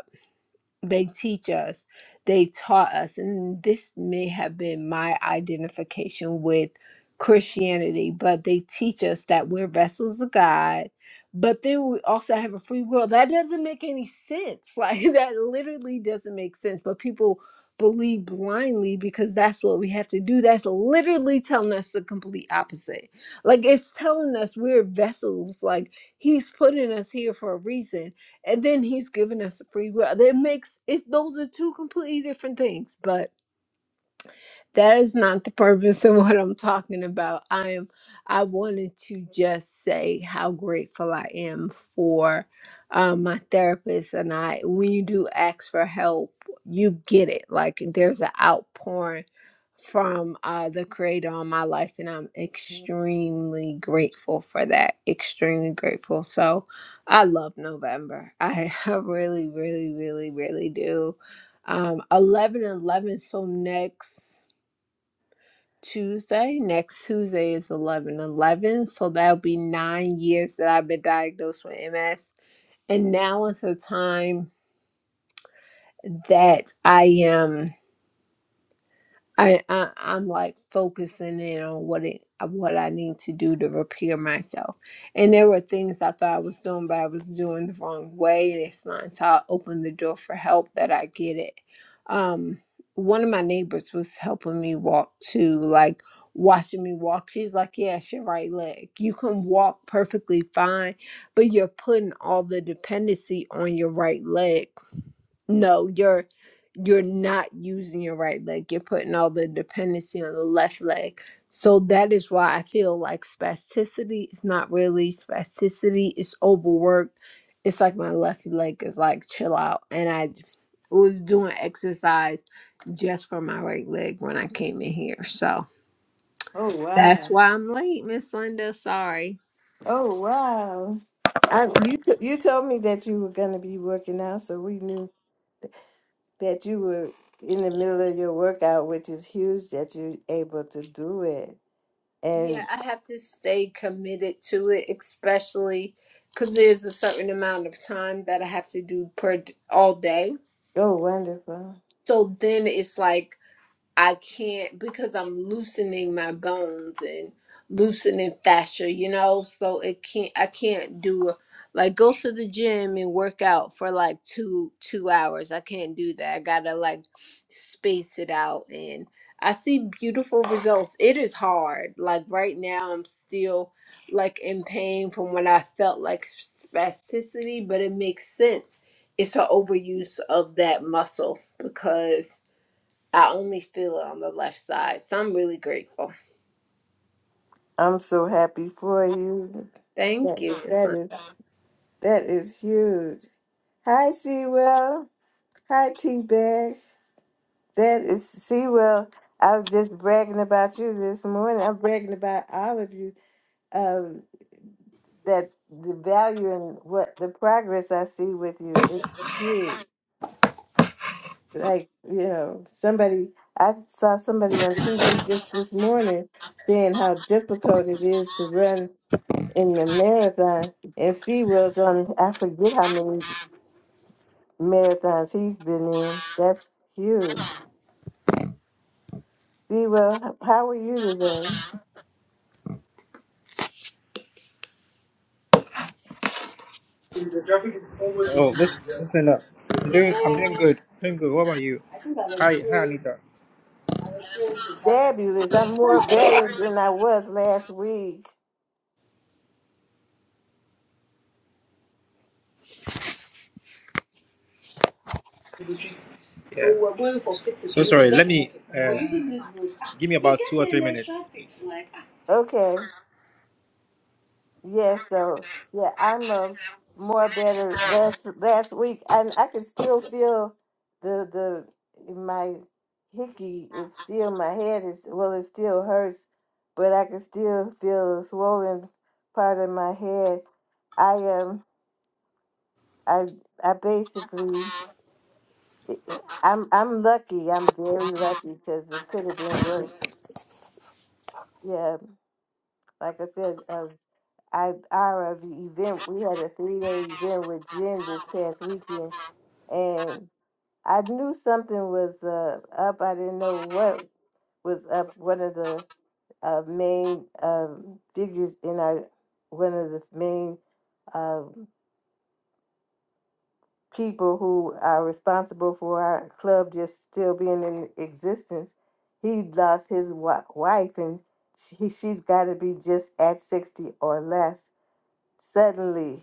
Speaker 4: they teach us they taught us and this may have been my identification with christianity but they teach us that we're vessels of god but then we also have a free will that doesn't make any sense like that literally doesn't make sense but people believe blindly because that's what we have to do that's literally telling us the complete opposite like it's telling us we're vessels like he's putting us here for a reason and then he's given us free will. That makes it; those are two completely different things. But that is not the purpose of what I'm talking about. I am I wanted to just say how grateful I am for um, my therapist and I when you do ask for help, you get it. Like there's an outpouring from uh, the creator on my life and I'm extremely grateful for that. Extremely grateful. So I love November. I, I really, really, really, really do um 11 eleven. so next Tuesday. Next Tuesday is 11 11 So that'll be nine years that I've been diagnosed with MS. And now is a time that I am. I, I I'm like focusing in on what it uh, what I need to do to repair myself. And there were things I thought I was doing, but I was doing the wrong way. And it's not until I open the door for help that I get it. Um, one of my neighbors was helping me walk too, like watching me walk. She's like, "Yes, your right leg. You can walk perfectly fine, but you're putting all the dependency on your right leg." No, you're you're not using your right leg. You're putting all the dependency on the left leg. So that is why I feel like spasticity is not really spasticity. It's overworked. It's like my left leg is like chill out. And I was doing exercise just for my right leg when I came in here. So
Speaker 1: Oh
Speaker 4: that's
Speaker 1: wow!
Speaker 4: why I'm late, Miss Linda. Sorry.
Speaker 1: Oh wow! I you t- you told me that you were going to be working out, so we knew that you were in the middle of your workout, which is huge that you're able to do it.
Speaker 4: Yeah,
Speaker 1: And
Speaker 4: I have to stay committed to it, especially because there's a certain amount of time that I have to do per d- all day.
Speaker 1: oh, wonderful!
Speaker 4: So then it's like I can't because I'm loosening my bones and loosening fascia, you know. So it can't. I can't do like go to the gym and work out for like two two hours. I can't do that. I gotta like space it out and. I see beautiful results. It is hard. Like right now, I'm still like in pain from when I felt like spasticity, but it makes sense. It's an overuse of that muscle because I only feel it on the left side. So I'm really grateful.
Speaker 1: I'm so happy for you.
Speaker 4: Thank
Speaker 1: That
Speaker 4: you, Miss
Speaker 1: that is
Speaker 4: Linda.
Speaker 1: that is huge. Hi, Sewell. Hi, T-Bag. That is Sewell. I was just bragging about you this morning. I'm bragging about all of you. um, that the value and what the progress I see with you it's huge. Like you know, somebody I saw somebody on TV just this morning saying how difficult it is to run in the marathon, and Sewell's on I forget how many s- marathons he's been in. That's huge. Sewell, h- how are you
Speaker 5: Oh, listen, listen up. I'm doing, I'm doing good. Doing good. What about you? Hi, hi, Anita.
Speaker 1: today? Fabulous. I'm more better than I was last week.
Speaker 5: Yeah. So sorry. Let me. Uh, give me about two or three minutes. please.
Speaker 1: Okay. Yes, so yeah, I'm uh, more better last last week, and I can still feel the the my hickey is still my head is well, it still hurts, but I can still feel the swollen part of my head. I am I I basically I- I- I'm I'm lucky. I'm very lucky because it could have been worse. Yeah, like I said, uh, I our ev- event we had a three day event with Jen this past weekend and I knew something was uh, up. I didn't know what was up. One of the uh, main um, figures in our one of the main um people who are responsible for our club just still being in existence. He lost his wa- wife and she, she's got to be just at sixty or less suddenly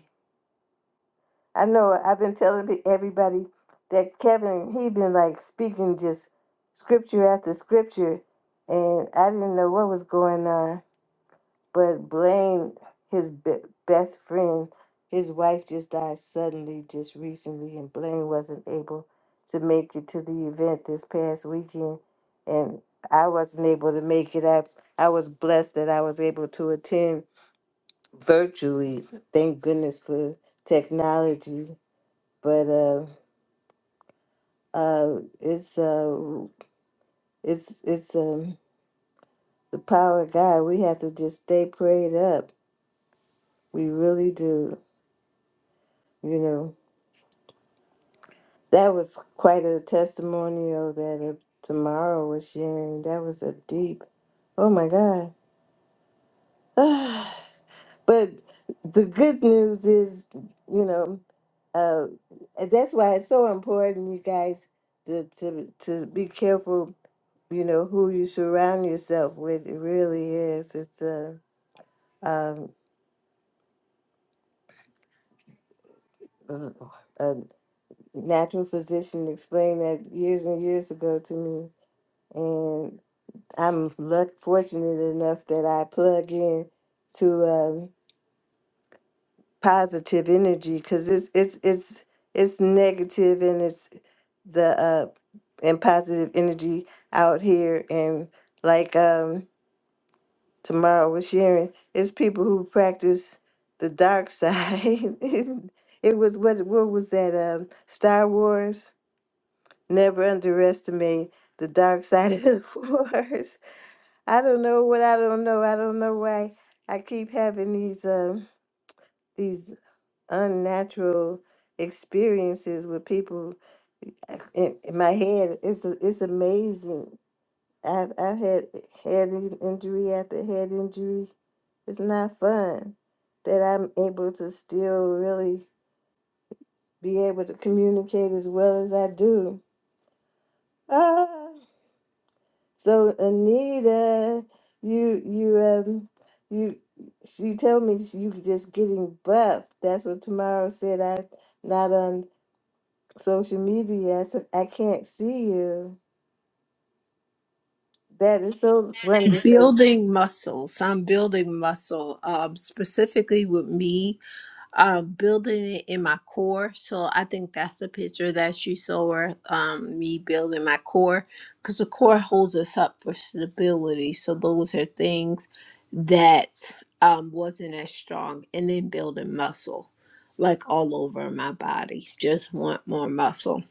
Speaker 1: I know I've been telling pe- everybody that Kevin, he been like speaking just scripture after scripture, and I didn't know what was going on. But Blaine, his be- best friend, his wife just died suddenly just recently, and Blaine wasn't able to make it to the event this past weekend, and I wasn't able to make it. I I was blessed that I was able to attend virtually. Thank goodness for technology but uh, uh, it's uh, it's it's um, the power of God. We have to just stay prayed up. We really do. You know, that was quite a testimonial that uh, tomorrow was sharing. That was a deep. Oh my God. but the good news is, you know, uh, that's why it's so important, you guys, to to to be careful you know who you surround yourself with it really is it's a um a a natural physician explained that years and years ago to me and i'm luck fortunate enough that i plug in to um positive energy because it's it's it's it's negative and it's the uh and positive energy out here and like um tomorrow was sharing it's people who practice the dark side. it was what what was that um Star Wars? Never underestimate the dark side of the force. I don't know what I don't know. I don't know why I keep having these um these unnatural experiences with people in, in my head. It's a, it's amazing I've I've had head in- injury after head injury. It's not fun that I'm able to still really be able to communicate as well as I do. Ah, so Anita, you you um you she told me you could just getting buff. That's what tomorrow said. I not on social media. I said I can't see you. That is so wonderful.
Speaker 4: Building muscle. So I'm building muscle, um, specifically with me, uh, building it in my core. So I think that's the picture that you saw, um, me building my core, because the core holds us up for stability. So those are things that um, wasn't as strong. And then building muscle, like all over my body. Just want more muscle.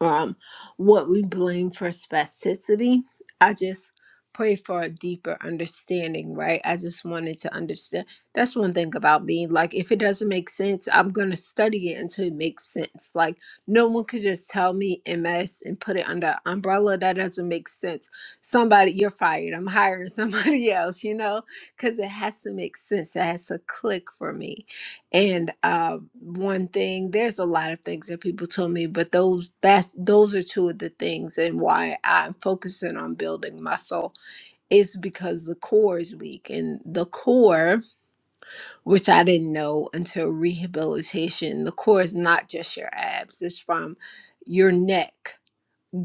Speaker 4: um, what we blame for spasticity. I just pray for a deeper understanding, right? I just wanted to understand. That's one thing about me. Like, if it doesn't make sense, I'm going to study it until it makes sense. Like, no one could just tell me MS and put it under an umbrella. That doesn't make sense. Somebody, you're fired. I'm hiring somebody else, you know, because it has to make sense. It has to click for me and uh, one thing, there's a lot of things that people told me, but those that's those are two of the things and why I'm focusing on building muscle is because the core is weak. And the core, which I didn't know until rehabilitation, the core is not just your abs, it's from your neck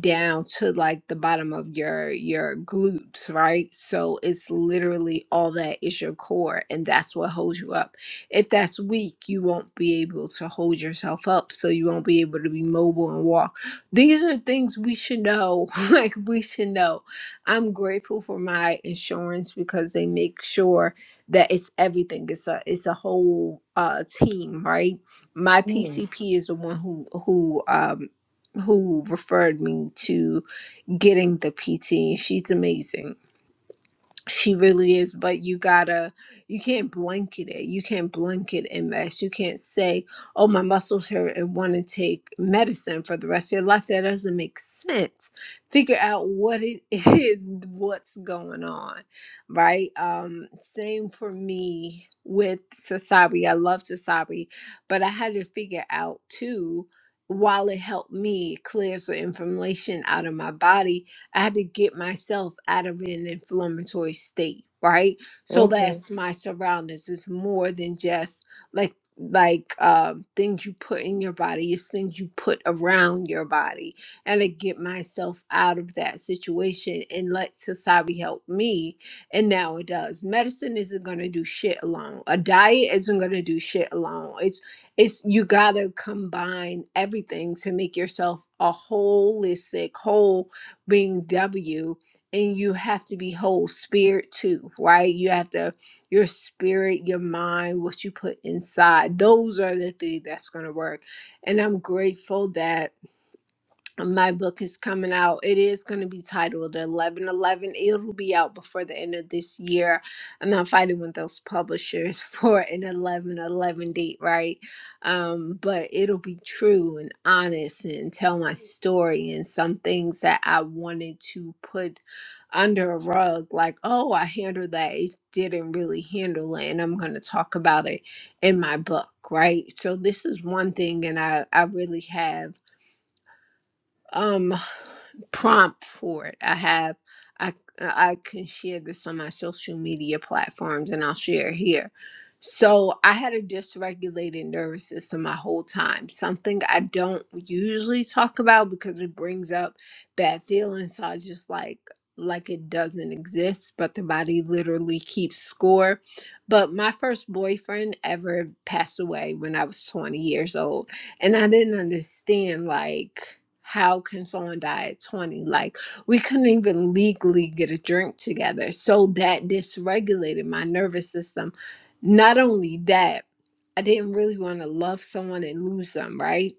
Speaker 4: down to like the bottom of your your glutes right so it's literally all that is your core and that's what holds you up if that's weak you won't be able to hold yourself up so you won't be able to be mobile and walk these are things we should know like we should know i'm grateful for my insurance because they make sure that it's everything it's a it's a whole uh team right my
Speaker 1: Mm-hmm.
Speaker 4: pcp is the one who who um who referred me to getting the PT. She's amazing she really is but you gotta you can't blanket it you can't blanket ms you can't say oh my muscles hurt and want to take medicine for the rest of your life that doesn't make sense figure out what it is what's going on right um same for me with sasabi i love sasabi but i had to figure out too while it helped me it clears the information out of my body I had to get myself out of an inflammatory state, right? So that's my surroundings. It's more than just like like um, things you put in your body. It's things you put around your body. And to get myself out of that situation and let society help me. And now it does. Medicine isn't gonna do shit alone. A diet isn't gonna do shit alone. It's it's you gotta combine everything to make yourself a holistic whole being W and you have to be whole spirit too, right? You have to your spirit, your mind, what you put inside. Those are the things that's going to work. And I'm grateful that my book is coming out. It is going to be titled 1111. It'll be out before the end of this year. And I'm fighting with those publishers for an 1111 date, right? Um, but it'll be true and honest and tell my story and some things that I wanted to put under a rug like, oh, I handled that. It didn't really handle it. And I'm going to talk about it in my book, right? So this is one thing, and I, I really have um prompt for it. I have I I can share this on my social media platforms and I'll share here. So I had a dysregulated nervous system my whole time. Something I don't usually talk about because it brings up bad feelings. So I just like like it doesn't exist, but the body literally keeps score. But my first boyfriend ever passed away when I was 20 years old. And I didn't understand like how can someone die at 20? Like, we couldn't even legally get a drink together. So that dysregulated my nervous system. Not only that, I didn't really want to love someone and lose them, right?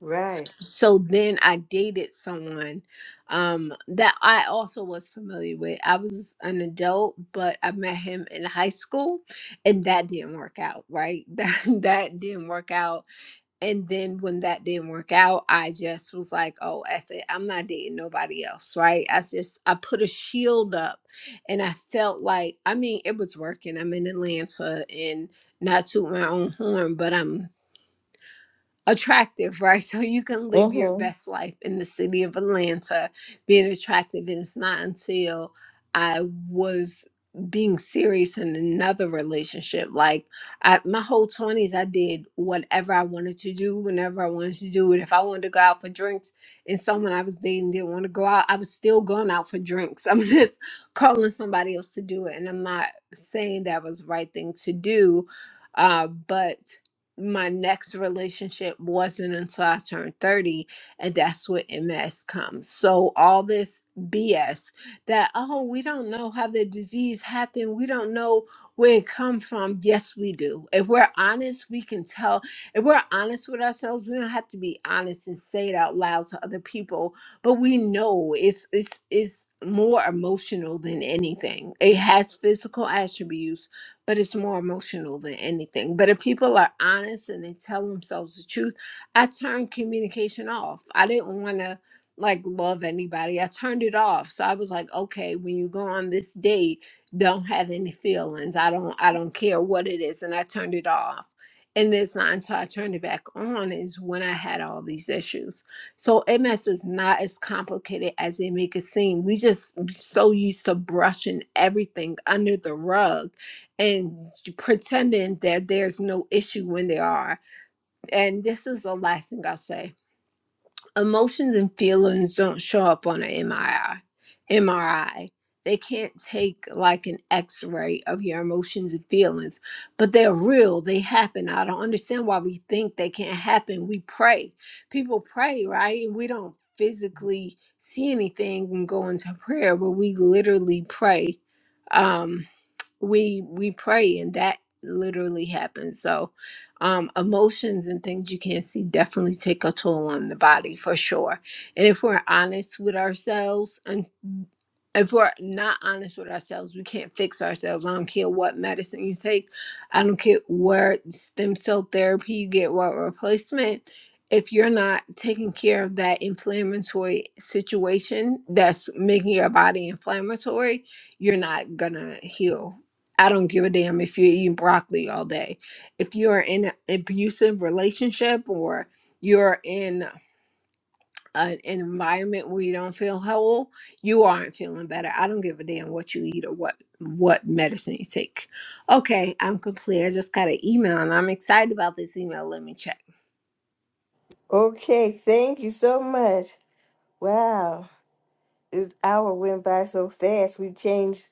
Speaker 1: Right.
Speaker 4: So then I dated someone um, that I also was familiar with. I was an adult, but I met him in high school, and that didn't work out, right? That that didn't work out and then when that didn't work out, I just was like, oh, F it. I'm not dating nobody else, right? I just, I put a shield up and I felt like, I mean, it was working. I'm in Atlanta and not to my own horn, but I'm attractive, right? So you can live your
Speaker 1: Mm-hmm.
Speaker 4: best life in the city of Atlanta being attractive. And it's not until I was being serious in another relationship. Like I, my whole 20s, I did whatever I wanted to do, whenever I wanted to do it. If I wanted to go out for drinks and someone I was dating didn't want to go out, I was still going out for drinks. I'm just calling somebody else to do it. And I'm not saying that was the right thing to do. Uh, but my next relationship wasn't until I turned 30, and that's what MS comes. So, all this BS that, oh, we don't know how the disease happened, we don't know where it come from. Yes, we do. If we're honest, we can tell. If we're honest with ourselves, we don't have to be honest and say it out loud to other people, but we know it's it's it's more emotional than anything. It has physical attributes but it's more emotional than anything. But if people are honest and they tell themselves the truth, I turned communication off. I didn't want to like love anybody. I turned it off. So I was like, okay, when you go on this date, don't have any feelings. I don't I don't care what it is. And I turned it off. And this not until I turned it back on is when I had all these issues. So MS is not as complicated as they make it seem. We just so used to brushing everything under the rug and pretending that there's no issue when there are. And this is the last thing I'll say. Emotions and feelings don't show up on an MRI. MRI. They can't take like an x-ray of your emotions and feelings, but they're real. They happen. I don't understand why we think they can't happen. We pray. People pray, right? And we don't physically see anything and go into prayer, but we literally pray. Um we we pray and that literally happens so um emotions and things you can't see definitely take a toll on the body for sure and if we're honest with ourselves if we're not honest with ourselves, we can't fix ourselves. I don't care what medicine you take. I don't care where stem cell therapy you get, what replacement. If you're not taking care of that inflammatory situation that's making your body inflammatory, you're not gonna heal. I don't give a damn if you're eating broccoli all day. If you're in an abusive relationship or you're in an environment where you don't feel whole, you aren't feeling better. I don't give a damn what you eat or what what medicine you take. Okay, I'm complete. I just got an email and I'm excited about this email. Let me check.
Speaker 1: Okay, thank you so much. Wow, this hour went by so fast. We changed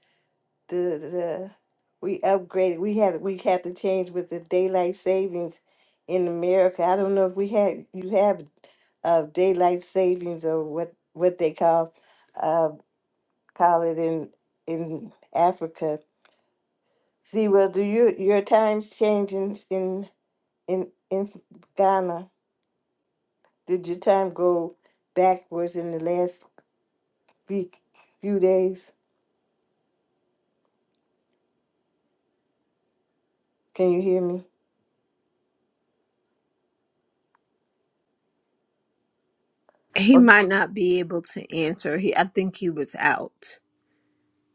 Speaker 1: the the we upgraded. We had we had to change with the daylight savings in America. I don't know if we had you have uh daylight savings or what what they call uh call it in in Africa. See, well, do you your times change in in in in Ghana? Did your time go backwards in the last? few, few days. Can you hear me?
Speaker 4: He might not be able to answer. He I think he was out.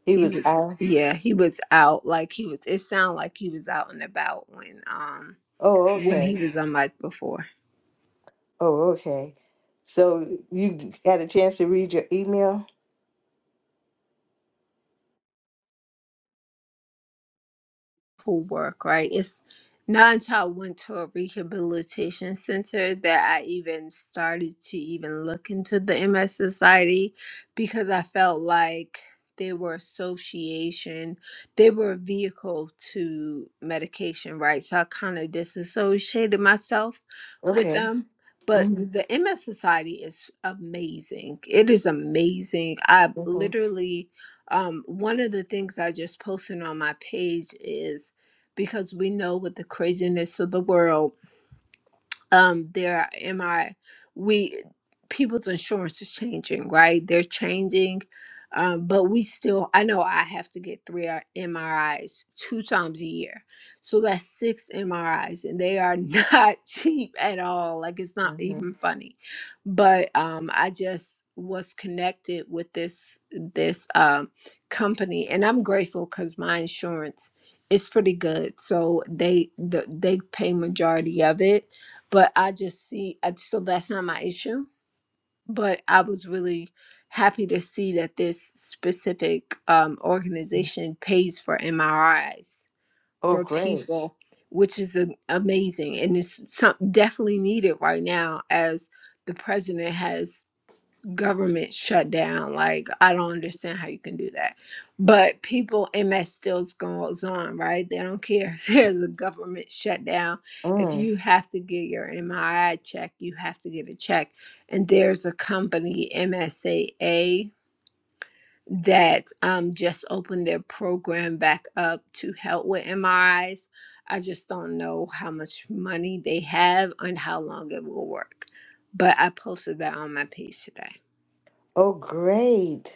Speaker 1: He
Speaker 4: He
Speaker 1: was
Speaker 4: was
Speaker 1: out.
Speaker 4: yeah, he was out like he was it sounded like he was out and about when um
Speaker 1: Oh,
Speaker 4: when he
Speaker 1: okay.
Speaker 4: was on mic before.
Speaker 1: Oh, okay. So you d- had a chance to read your email?
Speaker 4: who work, right? It's Nine Child went to a rehabilitation center that I even started to even look into the MS Society because I felt like they were association, they were a vehicle to medication, right? So I kind of disassociated myself with
Speaker 1: Okay.
Speaker 4: them. But
Speaker 1: hmm
Speaker 4: the MS Society is amazing. It is amazing. I
Speaker 1: hmm
Speaker 4: literally um, one of the things I just posted on my page is because we know with the craziness of the world um there am i we people's insurance is changing right they're changing um, but we still i know i have to get three R- mris two times a year so that's six mris and they are not cheap at all like it's not
Speaker 1: hmm
Speaker 4: even funny but um i just was connected with this this um company and i'm grateful because my insurance is pretty good so they the, they pay majority of it but I just see I, so that's not my issue. But I was really happy to see that this specific um, organization pays for MRIs
Speaker 1: Oh,
Speaker 4: for
Speaker 1: great.
Speaker 4: people, which is a, amazing and it's some, definitely needed right now as the president has government shut down. Like, I don't understand how you can do that. But people, and that still goes on, right? They don't care if there's a government shutdown. If
Speaker 1: Mm.
Speaker 4: you have to get your MRI check, you have to get a check. And there's a company, MSAA, that um, just opened their program back up to help with M R Is. I just don't know how much money they have and how long it will work. But I posted that on my page today.
Speaker 1: Oh, great.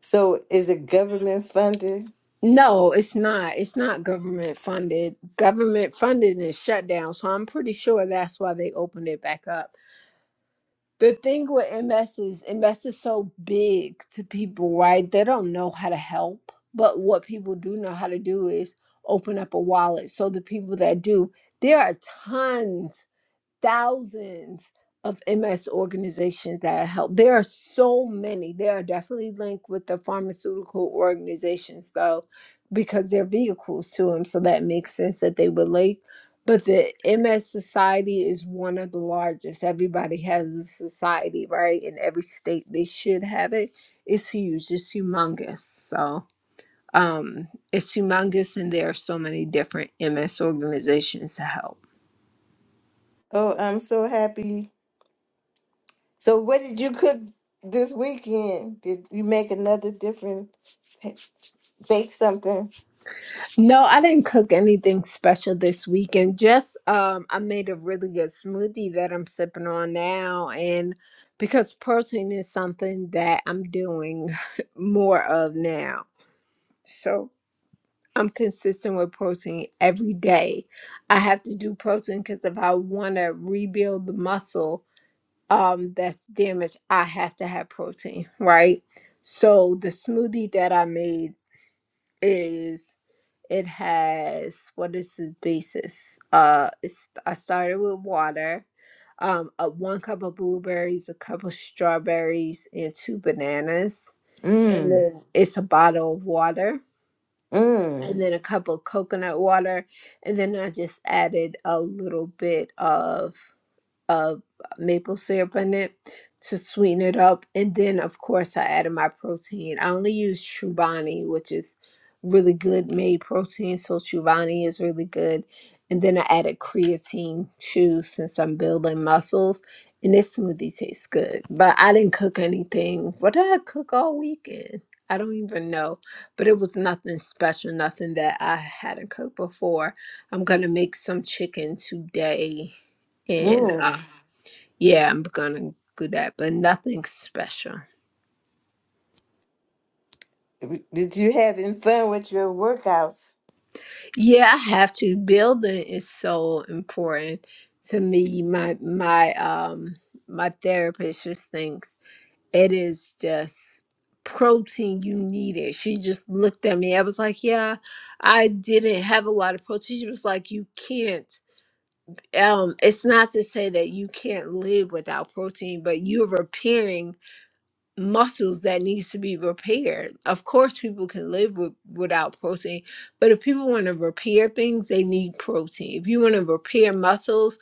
Speaker 1: So is it government funded?
Speaker 4: No, it's not. It's not government funded. Government funded is shut down. So I'm pretty sure that's why they opened it back up. The thing with MS is MS is so big to people, right? They don't know how to help. But what people do know how to do is open up a wallet. So the people that do, there are tons thousands of MS organizations that are helped. There are so many. They are definitely linked with the pharmaceutical organizations, though, because they're vehicles to them. So that makes sense that they would link. But the MS Society is one of the largest. Everybody has a society, right? In every state, they should have it. It's huge. It's humongous. So um, it's humongous, and there are so many different MS organizations to help.
Speaker 1: Oh, I'm so happy. So what did you cook this weekend? Did you make another different bake something?
Speaker 4: No, I didn't cook anything special this weekend. Just um, I made a really good smoothie that I'm sipping on now, and because protein is something that I'm doing more of now, so I'm consistent with protein every day. I have to do protein because if I want to rebuild the muscle um, that's damaged, I have to have protein, right? So the smoothie that I made is it has what is the basis? Uh, it's, I started with water, um, uh, one cup of blueberries, a cup of strawberries, and two bananas, and
Speaker 1: Mm.
Speaker 4: then it's a bottle of water,
Speaker 1: Mm.
Speaker 4: and then a cup of coconut water, and then I just added a little bit of of maple syrup in it to sweeten it up. And then, of course, I added my protein. I only use Chobani, which is really good made protein. So, Chobani is really good. And then I added creatine too, since I'm building muscles. And this smoothie tastes good. But I didn't cook anything. What did I cook all weekend? I don't even know. But it was nothing special, nothing that I hadn't cooked before. I'm going to make some chicken today and
Speaker 1: Mm.
Speaker 4: uh, yeah, I'm gonna do that, but nothing special.
Speaker 1: Did you having fun with your workouts?
Speaker 4: Yeah, I have to. Building is so important to me. My my um my therapist just thinks it is just protein you need it. She just looked at me. I was like, Yeah, I didn't have a lot of protein. She was like, You can't um it's not to say that you can't live without protein, but you're repairing muscles that needs to be repaired. Of course, people can live with, without protein, but if people want to repair things, they need protein. If you want to repair muscles,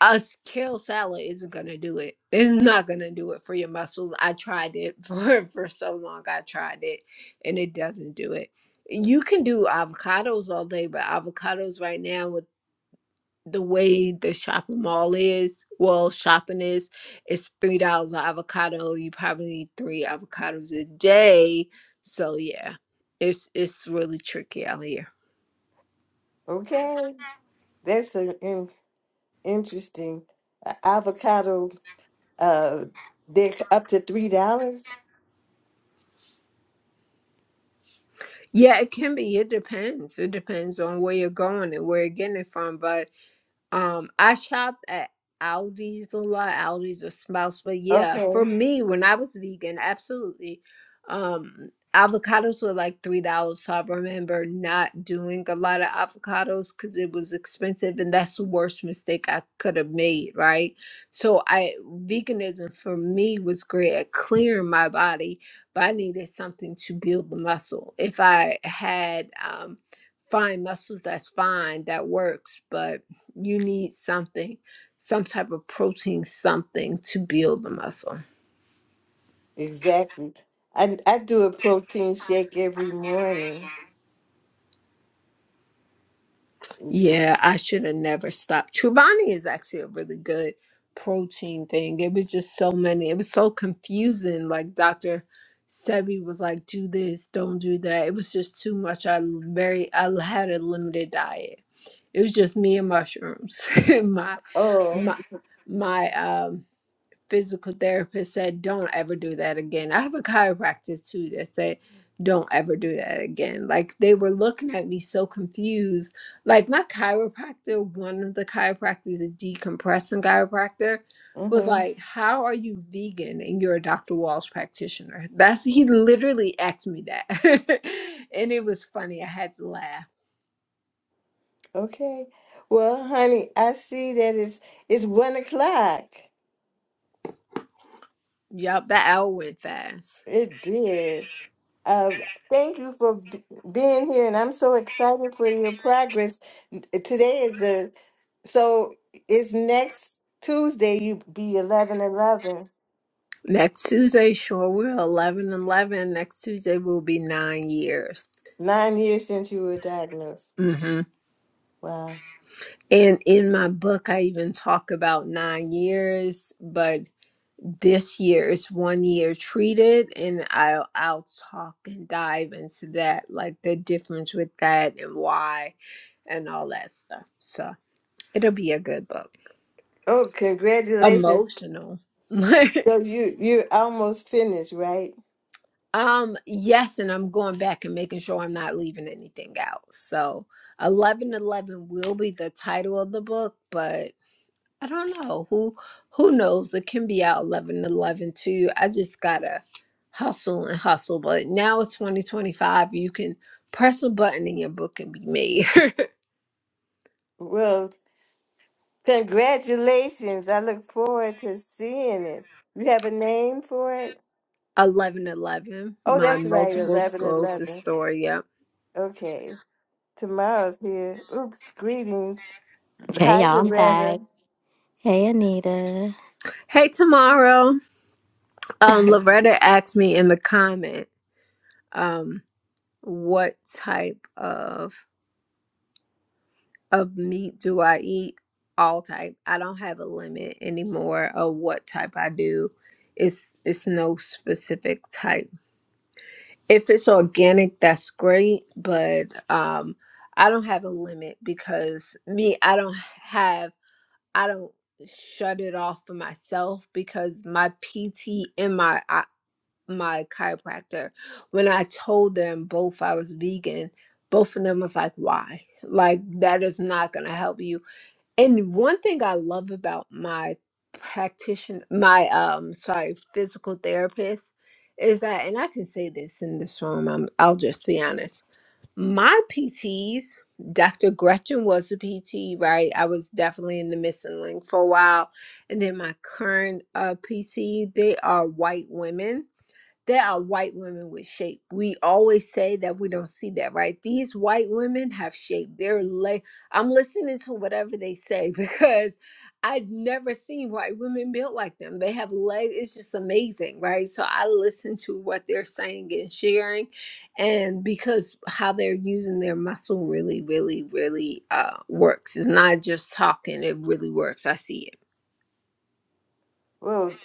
Speaker 4: a kale salad isn't going to do it. It's not going to do it for your muscles. I tried it for, for so long. I tried it and it doesn't do it. You can do avocados all day, but avocados right now with the way the shopping mall is, well, shopping is, it's three dollars an avocado. You probably need three avocados a day. So yeah, it's it's really tricky out here.
Speaker 1: Okay, that's an in- interesting uh, avocado. Uh, they're up to three dollars.
Speaker 4: Yeah, it can be. It depends. It depends on where you're going and where you're getting it from. But Um, I shop at Aldi's a lot, Aldi's or Sprouts, but yeah,
Speaker 1: Okay,
Speaker 4: for me, when I was vegan, absolutely. Um, avocados were like three dollars, so I remember not doing a lot of avocados because it was expensive, and that's the worst mistake I could have made, right? So I veganism for me was great at clearing my body, but I needed something to build the muscle. If I had um fine muscles, that's fine, that works, but you need something, some type of protein, something to build the muscle.
Speaker 1: exactly. I I do a protein shake every morning.
Speaker 4: Yeah, I should have never stopped. Chobani is actually a really good protein thing. It was just so many. It was so confusing. Like Dr. Sebi was like, do this, don't do that. It was just too much. I very I had a limited diet. It was just me and mushrooms. my
Speaker 1: Oh,
Speaker 4: my my um physical therapist said, don't ever do that again. I have a chiropractor too that said, don't ever do that again. Like they were looking at me so confused. Like my chiropractor, one of the chiropractors, a decompressing chiropractor, was
Speaker 1: mm-hmm.
Speaker 4: like, How are you vegan and you're a Dr. Walsh practitioner? That's he literally asked me that. and it was funny. I had to laugh.
Speaker 1: Okay. Well, honey, I see that it's it's one o'clock.
Speaker 4: Yup, that hour went fast.
Speaker 1: It did. Uh, thank you for b- being here, and I'm so excited for your progress. N- Today is the so it's next Tuesday. You be eleven eleven.
Speaker 4: Next Tuesday, sure will. 11 11. Next Tuesday will be nine years.
Speaker 1: Nine years since you were diagnosed.
Speaker 4: hmm
Speaker 1: Wow.
Speaker 4: And in my book, I even talk about nine years, but this year is one year treated, and I'll, I'll talk and dive into that, like the difference with that and why and all that stuff. So it'll be a good book.
Speaker 1: Oh, congratulations.
Speaker 4: Emotional.
Speaker 1: So you you almost finished, right?
Speaker 4: Um, yes, and I'm going back and making sure I'm not leaving anything out. So, 1111 will be the title of the book, but I don't know who who knows. It can be out 1111 too. I just gotta hustle and hustle. But now it's 2025. You can press a button and your book can be made.
Speaker 1: Well, congratulations. I look forward to seeing it. You have a name for it?
Speaker 4: 1111,
Speaker 1: Oh,
Speaker 4: my
Speaker 1: that's right.
Speaker 4: multiple
Speaker 1: Eleven
Speaker 4: sclerosis
Speaker 1: eleven.
Speaker 4: story. Yep.
Speaker 1: Okay. Tomorrow's here. Oops, greetings.
Speaker 3: Okay,
Speaker 1: Hi,
Speaker 3: y'all, I'm back.
Speaker 1: Loretta.
Speaker 3: Hey, Anita.
Speaker 4: Hey, tomorrow. Um, Loretta asked me in the comment. um. what type of of meat do I eat? All type. I don't have a limit anymore of what type I do. It's it's no specific type. If it's organic, that's great, but um I don't have a limit because me, I don't have I don't shut it off for myself because my PT and my I, my chiropractor when I told them both I was vegan. Both of them was like, why? Like, that is not going to help you. And one thing I love about my practitioner, my, um, sorry, physical therapist is that, and I can say this in this room, I'm, I'll just be honest. My PTs, Dr. Gretchen was a PT, right? I was definitely in the missing link for a while. And then my current uh, PT, they are white women there are white women with shape. We always say that we don't see that, right? These white women have shape. They're like, I'm listening to whatever they say because I've never seen white women built like them. They have legs. It's just amazing, right? So I listen to what they're saying and sharing, and because how they're using their muscle really, really, really uh, works. It's not just talking. It really works. I see it.
Speaker 1: Well,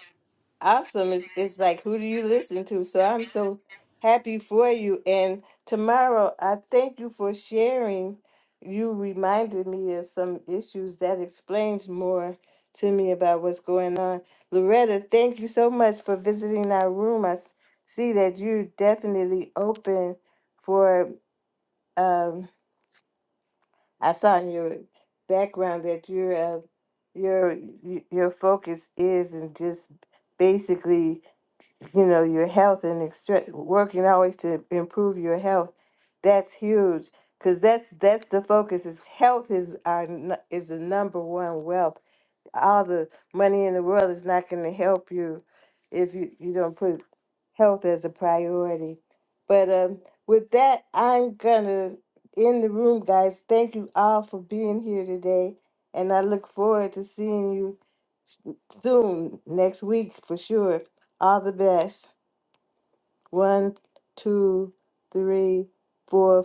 Speaker 1: awesome. It's, it's like, who do you listen to? So I'm so happy for you. And tomorrow, I thank you for sharing. You reminded me of some issues that explains more to me about what's going on. Loretta, thank you so much for visiting our room. I s- see that you're definitely open for. um, I saw in your background that your uh, your y- your focus is in just basically, you know, your health and extra- working always to improve your health. That's huge because that's that's the focus. Is health is our nu- is the number one wealth all the money in the world is not going to help you if you, you don't put health as a priority. But um, with that, I'm going to end the room, guys. Thank you all for being here today. And I look forward to seeing you soon, next week for sure. All the best. One, two, three, four.